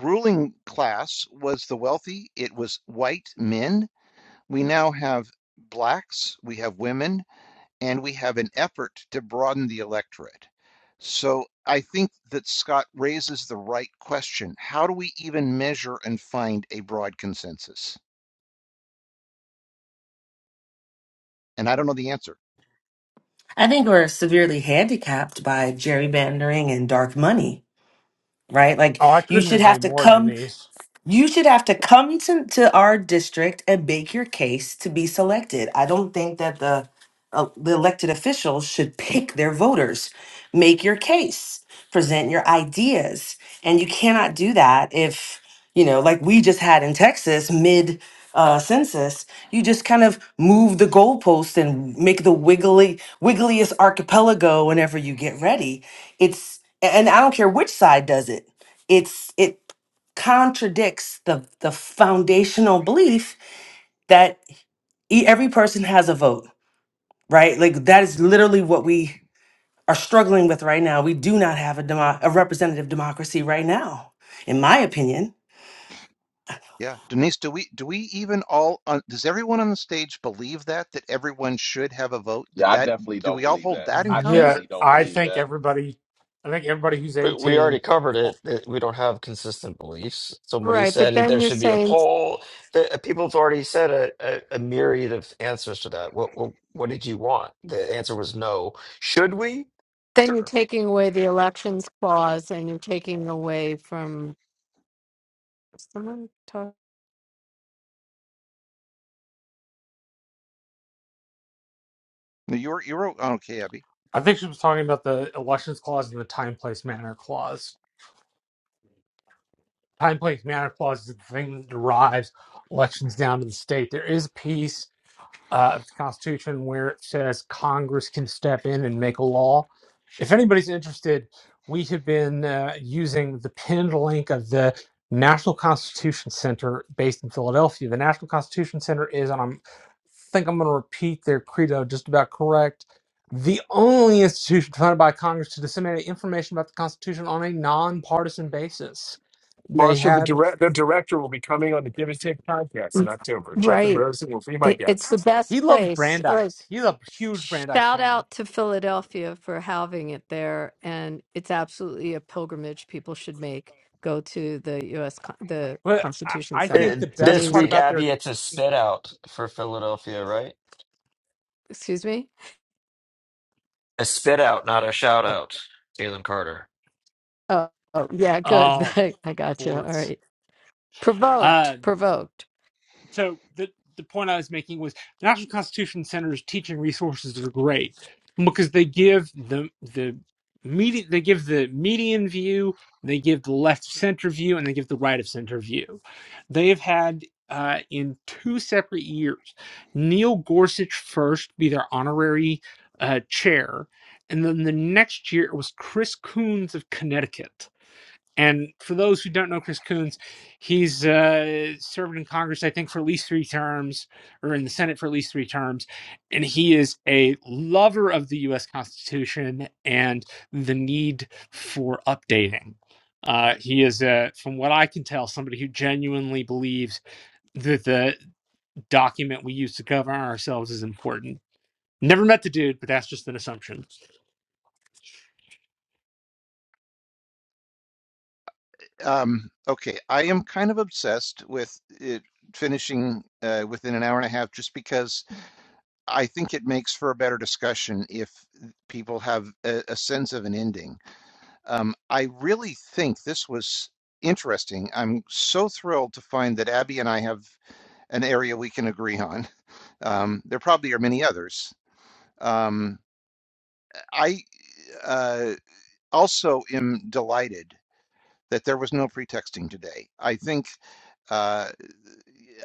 ruling class was the wealthy, it was white men. We now have blacks, we have women, and we have an effort to broaden the electorate. So I think that Scott raises the right question. How do we even measure and find a broad consensus? And I don't know the answer.
I think we're severely handicapped by gerrymandering and dark money, right? Like
Oh, I
you
couldn't
should have
agree
to
more,
come.
Denise.
You should have to come to, to our district and make your case to be selected. I don't think that the uh, the elected officials should pick their voters. Make your case, present your ideas, and you cannot do that if you know, like we just had in Texas mid uh, census. You just kind of move the goalpost and make the wiggly wiggliest archipelago whenever you get ready. It's and I don't care which side does it it's it contradicts the the foundational belief that e- every person has a vote, right? Like that is literally what we are struggling with right now. We do not have a demo- a representative democracy right now, in my opinion
Yeah, Denise, do we do we even all on does everyone on the stage believe that that everyone should have a vote? That
Yeah, I
that
definitely
do
don't
we all
believe
hold
that.
that in
I
common?
Yeah,
definitely don't
I
believe
think
that.
everybody, I think everybody who's
We, we already
eighteen.
covered it. that We don't have consistent beliefs. Somebody
Right. But
said that there
then you're
should be a
saying
poll. The, people have already said a, a, a myriad of answers to that. What, what what did you want? The answer was no. Should we?
then you're taking away the elections clause and you're taking away from someone talk
No, You're you're oh, okay, Abby.
I think she was talking about the elections clause and the time, place, manner clause. Time, place, manner clause is the thing that derives elections down to the state. There is peace uh, of the Constitution where it says Congress can step in and make a law. If anybody's interested, we have been uh, using the pinned link of the National Constitution Center based in Philadelphia. The National Constitution Center is, and I'm, I think I'm going to repeat their credo just about correct, the only institution funded by Congress to disseminate information about the Constitution on a nonpartisan basis. They
Marshall, the,
had,
direct, the director, will be coming on the Give and Take podcast in October. Jeffrey
Right.
Rosen will be my
It, it's the
guest.
best
he loves
place. Like
Brandeis. He's a huge Brandeis
shout
fan
out to Philadelphia for having it there and it's absolutely a pilgrimage people should make. Go to the US Con- the
But I,
Constitution
I
Center.
Uh,
think the
It's
best
This
part
week,
amazing.
about
Abby,
their
it's a spit out for Philadelphia, right?
Excuse me?
A spit out, not a shout out. Jalen Carter.
Oh, oh yeah, good.
oh
I got you. All
sports.
right. Provoked,
Uh,
provoked.
so the the point I was making was the National Constitution Center's teaching resources are great because they give the the media they give the median view, they give the left of center view, and they give the right of center view. They have had uh, in two separate years, Neil Gorsuch first be their honorary uh, chair, and then the next year it was Chris Coons of Connecticut and for those who don't know Chris Coons, he's uh, served in Congress, I think, for at least three terms, or in the Senate for at least three terms. And he is a lover of the U.S. Constitution and the need for updating. Uh, he is, uh, from what I can tell, somebody who genuinely believes that the document we use to govern ourselves is important. Never met the dude, but that's just an assumption.
Um, okay, I am kind of obsessed with it finishing uh, within an hour and a half, just because I think it makes for a better discussion if people have a, a sense of an ending. Um, I really think this was interesting. I'm so thrilled to find that Abby and I have. an area we can agree on. Um, there probably are many others. Um, I uh, also am delighted that there was no pretexting today. I think uh,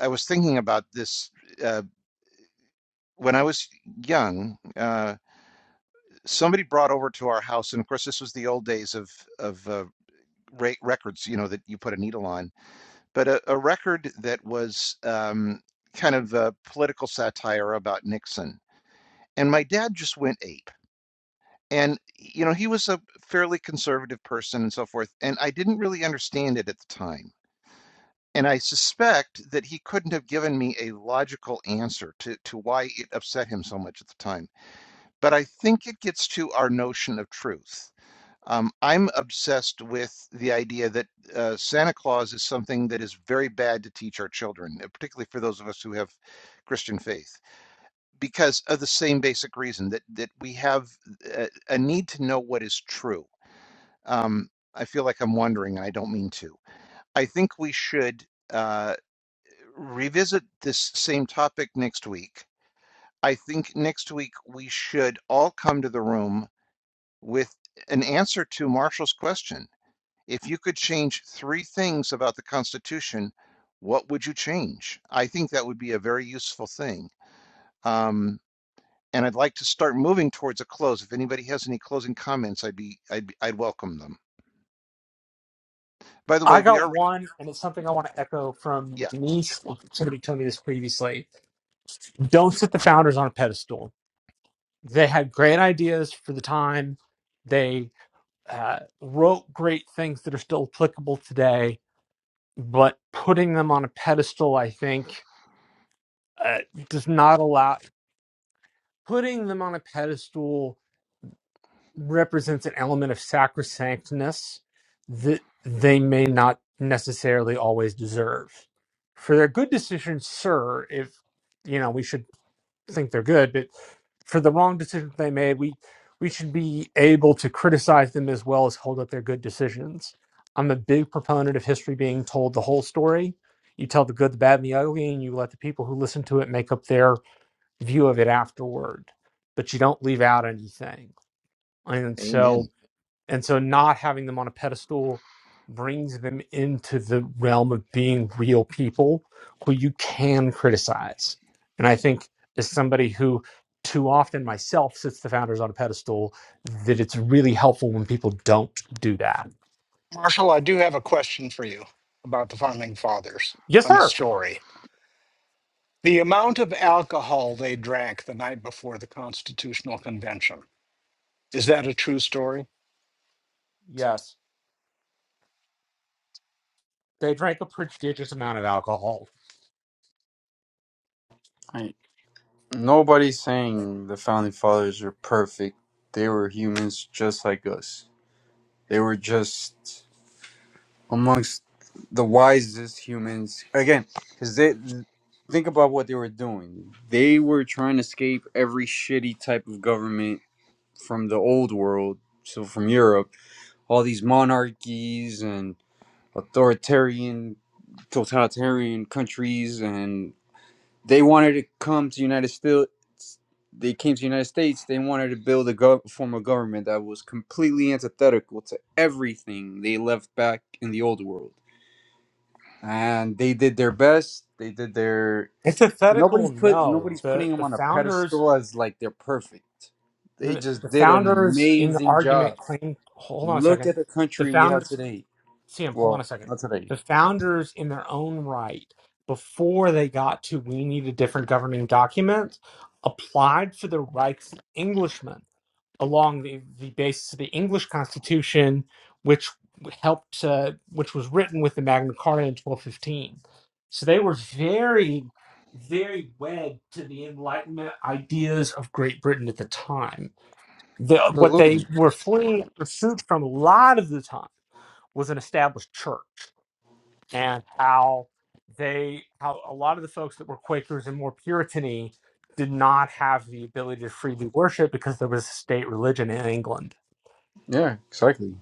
I was thinking about this uh, when I was young. Uh, somebody brought over to our house, and of course, this was the old days of of uh, ra- records. You know that you put a needle on, but a, a record that was um, kind of a political satire about Nixon. And my dad just went ape And, you know, he was a fairly conservative person and so forth, and I didn't really understand it at the time. And I suspect that he couldn't have given me a logical answer to, to why it upset him so much at the time. But I think it gets to our notion of truth. Um, I'm obsessed with the idea that uh, Santa Claus is something that is very bad to teach our children, uh, particularly for those of us who have Christian faith, because of the same basic reason that, that we have a, a need to know what is true um, I feel like I'm wandering, and I don't mean to. I think we should uh, revisit this same topic next week. I think next week we should all come to the room with an answer to Marshall's question. If you could change three things about the Constitution, what would you change? I think that would be a very useful thing. Um, and I'd like to start moving towards a close. If anybody has any closing comments, I'd be, I'd, be, I'd welcome them. By the
I
way, we
got
are,
one, and it's something I want to echo from
yeah,
Denise. Somebody told me this previously. Don't sit the founders on a pedestal. They had great ideas for the time. They uh, wrote great things that are still applicable today, but putting them on a pedestal, I think, uh, does not allow putting them on a pedestal represents an element of sacrosanctness that they may not necessarily always deserve. For their good decisions, sir, if you know, we should think they're good, but for the wrong decisions they made, we we should be able to criticize them as well as hold up their good decisions. I'm a big proponent of history being told the whole story. You tell the good, the bad, and the ugly, and you let the people who listen to it make up their view of it afterward. But you don't leave out anything. And so
amen.
and so not having them on a pedestal brings them into the realm of being real people who you can criticize. And I think as somebody who too often myself sits the founders on a pedestal, that it's really helpful when people don't do that.
Marshall, I do have a question for you about the founding fathers
Yes,
and a
sir.
story. The amount of alcohol they drank the night before the Constitutional Convention, is that a true story?
Yes. They drank a prodigious amount of alcohol.
I, nobody's saying the founding fathers are perfect. They were humans just like us. They were just amongst the wisest humans again, because they think about what they were doing. They were trying to escape every shitty type of government from the old world, so from Europe all these monarchies and authoritarian totalitarian countries and they wanted to come to united states they came to the united states they wanted to build a gov- form of government that was completely antithetical to everything they left back in the old world and they did their best they did their but
Antithetical,
nobody's put
no.
nobody's putting
The
them
the
on a
founders
pedestal as like they're perfect they
the,
just
the
did an
founders in the
amazing job
argument claim hold on a
look
second.
at the
The
country we have
founders
today
Sam, hold on
Well,
a second.
not today.
The founders, in their own right, before they got to we need a different governing document, applied for the rights of Englishmen along the, the basis of the English Constitution, which helped, uh, which was written with the Magna Carta in 1215. So they were very, very wed to the Enlightenment ideas of Great Britain at the time. The, what they
Absolutely.
were fleeing pursuit from a lot of the time was an established church and how they how a lot of the folks that were Quakers and more Puritany did not have the ability to freely worship because there was a state religion in England.
Yeah, exactly.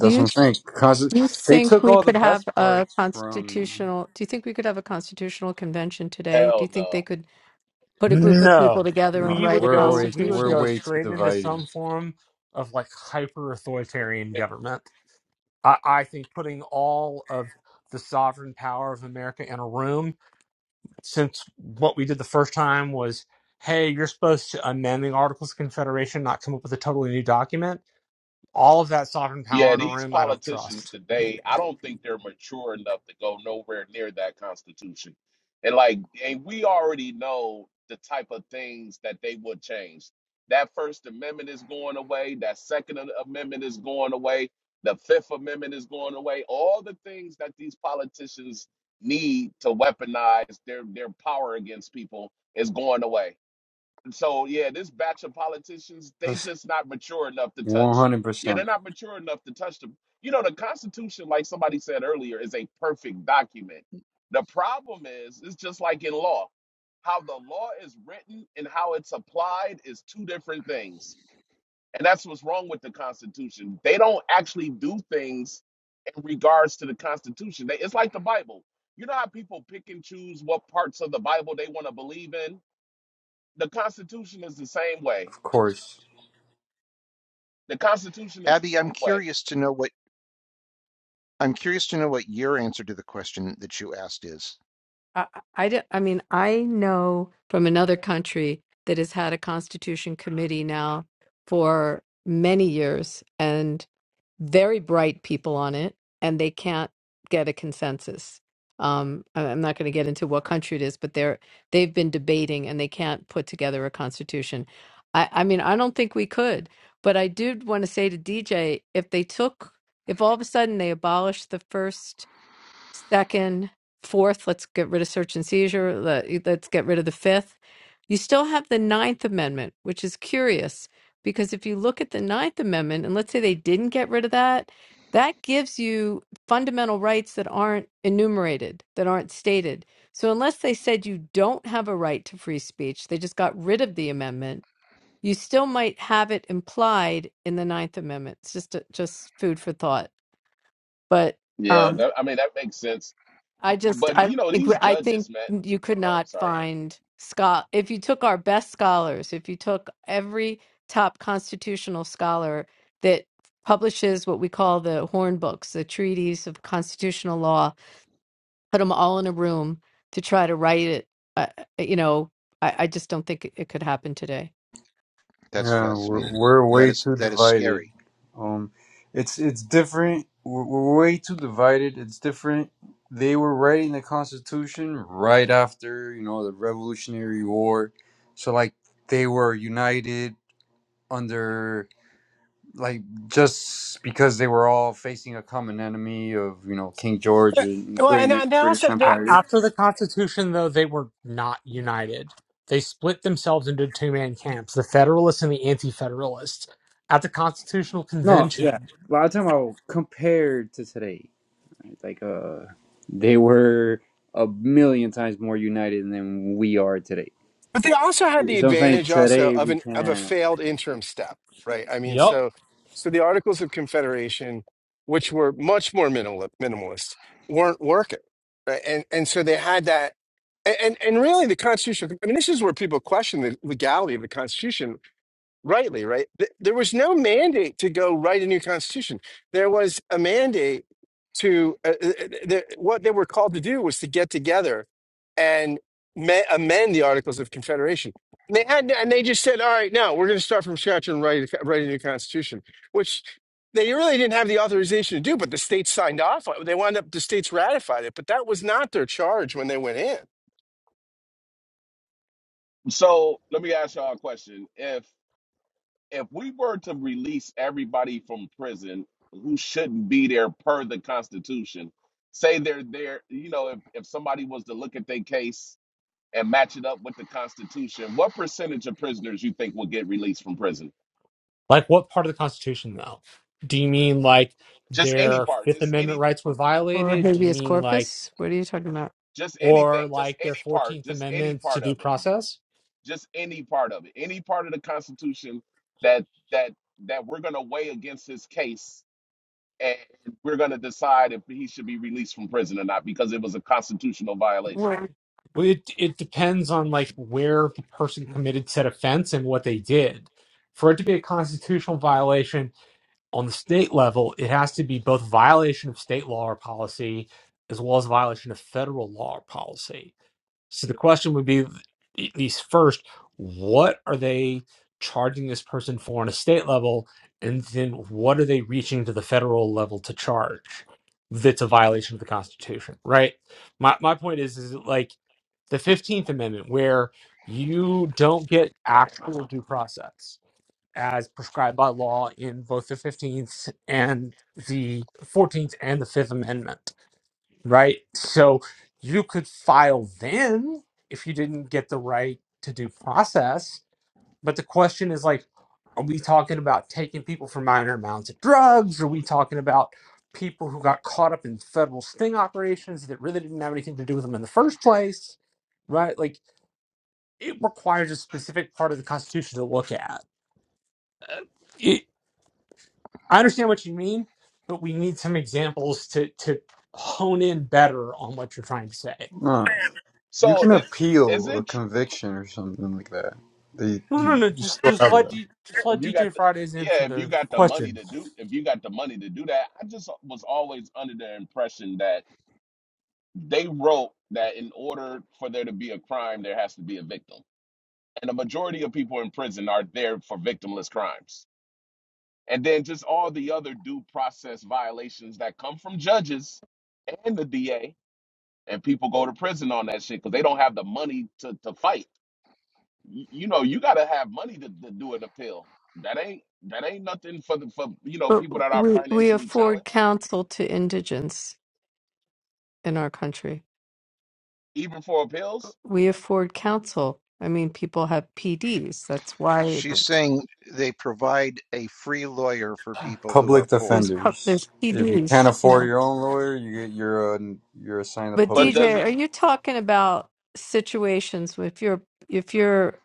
Do you
what I'm saying. Cause
do you
they
think
took
we
all the
could have
best
a
parts from.
constitutional? Do you think we could have a constitutional convention today? Do you
Hell
think they
no.
could put a group of
No,
people together and
No,
we
write
would
a
we're
go
way
we would
we're
go
constitution?
way too
straight into
divided.
some form of like hyper authoritarian
If
government. I, I think putting all of the sovereign power of America in a room, since what we did the first time was, hey, you're supposed to amend the Articles of Confederation, not come up with a totally new document. All of that sovereign power
yeah,
in a
these
room, I don't
politicians
trust.
today, I don't think they're mature enough to go nowhere near that constitution. And like, and we already know the type of things that they would change. That First Amendment is going away. That Second Amendment is going away. The Fifth Amendment is going away. All the things that these politicians need to weaponize their their power against people is going away so yeah, this batch of politicians, they
That's
just not mature enough to
one
touch.
hundred
Yeah, they're
percent,
not mature enough to touch them. You know, the Constitution, like somebody said earlier, is a perfect document. The problem is, it's just like in law. How the law is written and how it's applied is two different things. And that's what's wrong with the Constitution. They don't actually do things in regards to the Constitution. They, it's like the Bible. You know how people pick and choose what parts of the Bible they want to believe in? the Constitution is the same way.
of course.
The Constitution is the
Abby, I'm
same way.
curious to know what I'm curious to know what your answer to the question that you asked is.
I, I, don't- I mean, I know from another country that has had a constitution committee now for many years and very bright people on it, and they can't get a consensus. Um, I- I'm not going to get into what country it is, but they're they've been debating and they can't put together a constitution. I, I mean, I don't think we could, but I do want to say to DJ if they took, if all of a sudden they abolished the first second, fourth, let's get rid of search and seizure, let, let's get rid of the fifth. You still have the Ninth Amendment, which is curious because if you look at the Ninth Amendment, and let's say they didn't get rid of that, that gives you fundamental rights that aren't enumerated, that aren't stated. So unless they said you don't have a right to free speech, they just got rid of the amendment. You still might have it implied in the Ninth Amendment. It's just just food for thought. But
Yeah,
um,
that, I mean that makes sense.
I just
But
I don't
you know these
think I think
judges, man.
you could
Oh, I'm
not
sorry.
find Scott if you took our best scholars, if you took every top constitutional scholar that publishes what we call the horn books, the treaties of constitutional law, put them all in a room to try to write it. Uh, uh, you know, I, I just don't think it, it could happen today.
That's
Yeah,
fascinating.
we're we're
That
way
is
too
that is
divided.
scary.
Um, it's it's different. We're, we're way too divided. It's different. They were writing the Constitution right after you know the Revolutionary War, so like they were united under like just because they were all facing a common enemy of you know King George and Britain, British
A-
Empire.
After the Constitution, though, they were not united. They split themselves into two man camps the Federalists and the Anti Federalists. At the Constitutional
No, yeah,
Convention.
but I'm talking about compared to today. Like, uh, they were a million times more united than we are today.
But they also had the
So I'm saying
advantage also
today
of
we
an of a
can't.
failed interim step, right? I mean,
Yep.
so so the Articles of Confederation, which were much more minimal minimalist, weren't working, right? And and so they had that, and and and really the Constitution. I mean, this is where people question the legality of the Constitution rightly, right? Th- There was no mandate to go write a new constitution. There was a mandate to uh, uh, uh, the, what they were called to do was to get together and ma- amend the Articles of Confederation. And they had, and they just said, "All right, now we're going to start from scratch and write a, co- write a new constitution," which they really didn't have the authorization to do. But the states signed off. on it. They wound up the states ratified it, but that was not their charge when they went in.
So let me ask y'all a question. If if we were to release everybody from prison who shouldn't be there per the Constitution, say they're there, you know, if if somebody was to look at their case and match it up with the Constitution, what percentage of prisoners you think will get released from prison?
Like, what part of the Constitution, though? Do you mean like
Just any
their
part,
Fifth
just
Amendment
any.
rights were
Or
violated? Do you
habeas
mean like,
corpus? What are you talking about?
just
or
anything, just
like their
any part,
14th
just any
Amendment to
part
due
of it,
process?
just any part of it, any part of the Constitution that that that we're going to weigh against his case, and we're going to decide if he should be released from prison or not because it was a constitutional violation.
We're-
Well, it, it depends on like where the person committed said offense and what they did. For it to be a constitutional violation, on the state level, it has to be both violation of state law or policy as well as violation of federal law or policy. So the question would be at least first, what are they charging this person for on a state level? And then what are they reaching to the federal level to charge that's a violation of the Constitution, right? My, my point is, is like the 15th Amendment, where you don't get actual due process as prescribed by law in both the 15th and the 14th and the 5th Amendment, right? So you could file then if you didn't get the right to due process. But the question is like, are we talking about taking people for minor amounts of drugs? Are we talking about people who got caught up in federal sting operations that really didn't have anything to do with them in the first place? Right? Like, it requires a specific part of the Constitution to look at I understand what you mean, but we need some examples to to hone in better on what you're trying to say.
No, you
So
can
is is
appeal a
it tr-
conviction or something like that. They
No, no,
you,
no.
you
Just
still
just
have
let
that.
D, just
if
let
you got
DJ
the
Fridays answer
yeah, if you
the
got the money
question.
to do if you got the money to do that, I just was always under the impression that they wrote that in order for there to be a crime, there has to be a victim and the majority of people in prison are there for victimless crimes. And then just all the other due process violations that come from judges and the DA, and people go to prison on that shit because they don't have the money to, to fight. Y- You know, you gotta have money to, to do an appeal. That ain't that ain't nothing for the for you know
But
people that are
we we
financially
afford
challenged,
counsel to indigents in our country.
even for appeals.
we afford counsel. I mean, people have PDs. That's why
She's saying they provide a free lawyer for people who are
Public
poor.
there's pu-
defenders.
there's
If you can't
PDs.
afford your own lawyer, you get you're a, you're assigned a
But
But
public
does
DJ,
it?
are
defender.
you talking about situations where if you're if you're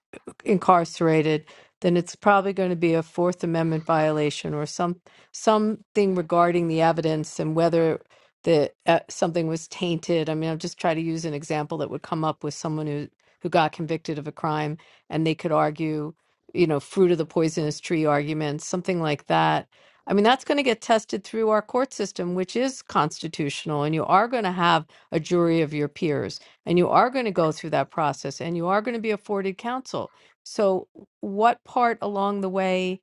incarcerated, then it's probably going to be a Fourth Amendment violation or some something regarding the evidence and whether the uh, something was tainted. I mean, I'm just trying to use an example that would come up with someone who who got convicted of a crime and they could argue, you know, fruit of the poisonous tree arguments, something like that. I mean, that's going to get tested through our court system, which is constitutional, and you are going to have a jury of your peers. And you are going to go through that process and you are going to be afforded counsel. So what part along the way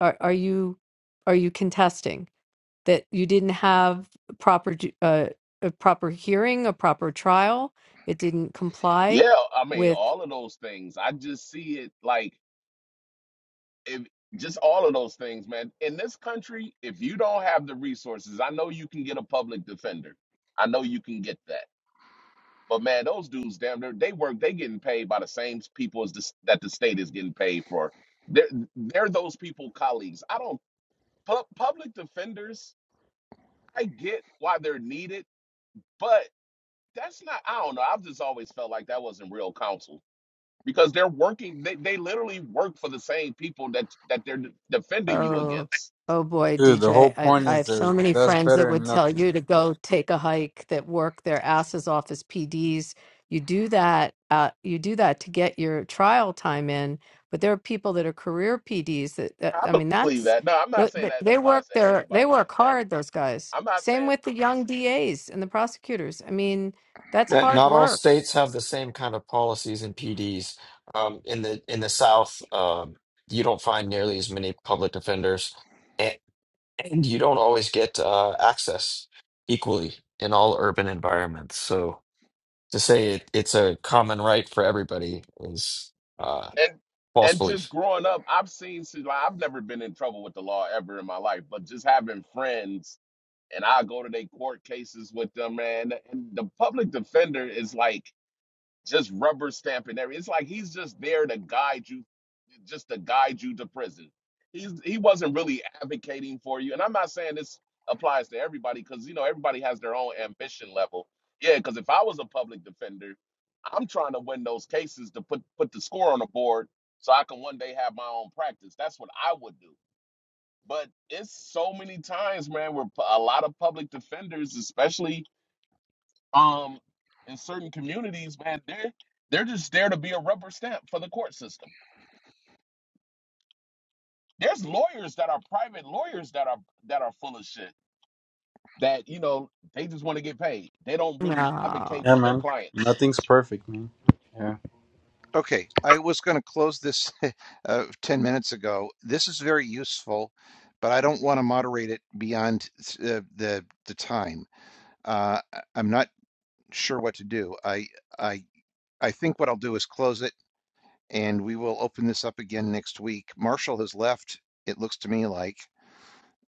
are, are you are you contesting that you didn't have proper ju- uh, a proper hearing, a proper trial? It didn't comply
Yeah, I mean,
with.
all of those things. I just see it like if just all of those things, man. In this country, if you don't have the resources, I know you can get a public defender. I know you can get that. But man, those dudes, damn, they they work. They getting paid by the same people as the, s- that the state is getting paid for. They're they're those people, colleagues. I don't pu- public defenders. I get why they're needed, but that's not. I don't know. I've just always felt like that wasn't real counsel because they're working. They, they literally work for the same people that that they're defending you
Oh,
against.
oh boy,
Dude, the whole
DJ. I,
point
I
is
have so
that
many
that's
friends that
better than
would tell
nothing.
you to go take a hike that work their asses off as PDs. You do that, uh, you do that to get your trial time in, but there are people that are career PDs that, that
I
I mean,
believe
that's
that. No, I'm not
th-
saying
th-
that
they work
applies to
their they
everybody.
work hard, those guys.
I'm not
Same with
saying
the young DAs and the prosecutors. I mean, that's
Not,
hard
not all
work.
states have the same kind of policies and PDs. Um, in the in the South, um, you don't find nearly as many public defenders, and, and you don't always get uh, access equally in all urban environments. So to say it, it's a common right for everybody is uh,
and
false
and
belief.
just growing up, I've seen see, like I've never been in trouble with the law ever in my life, but just having friends and I go to their court cases with them, man. And the public defender is like just rubber stamping everything. It's like he's just there to guide you just to guide you to prison. He's he wasn't really advocating for you. And I'm not saying this applies to everybody because you know everybody has their own ambition level. Yeah, because if I was a public defender, I'm trying to win those cases to put put the score on the board so I can one day have my own practice. That's what I would do. But it's so many times, man, where a lot of public defenders, especially um in certain communities, man, they're they're just there to be a rubber stamp for the court system There's lawyers that are private lawyers that are that are full of shit. That you know they just want to get paid. They don't really
No.
advocate
Yeah,
for their
man.
clients.
Nothing's perfect, man. Yeah.
Okay, I was going to close this uh, 10 minutes ago. This is very useful, but I don't want to moderate it beyond uh, the the time. Uh, I- I'm not sure what to do. I I I think what I'll do is close it and we will open this up again next week. Marshall has left, it looks to me like,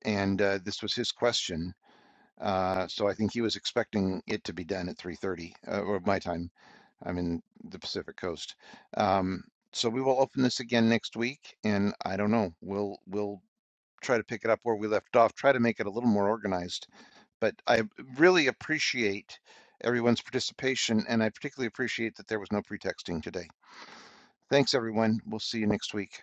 and uh, this was his question. Uh, so I think he was expecting it to be done at 3:30 uh, or my time. I'm in the Pacific Coast. Um, so we will open this again next week, and I don't know. We'll we'll try to pick it up where we left off. Try to make it a little more organized. But I really appreciate everyone's participation, and I particularly appreciate that there was no pretexting today. Thanks, everyone. We'll see you next week.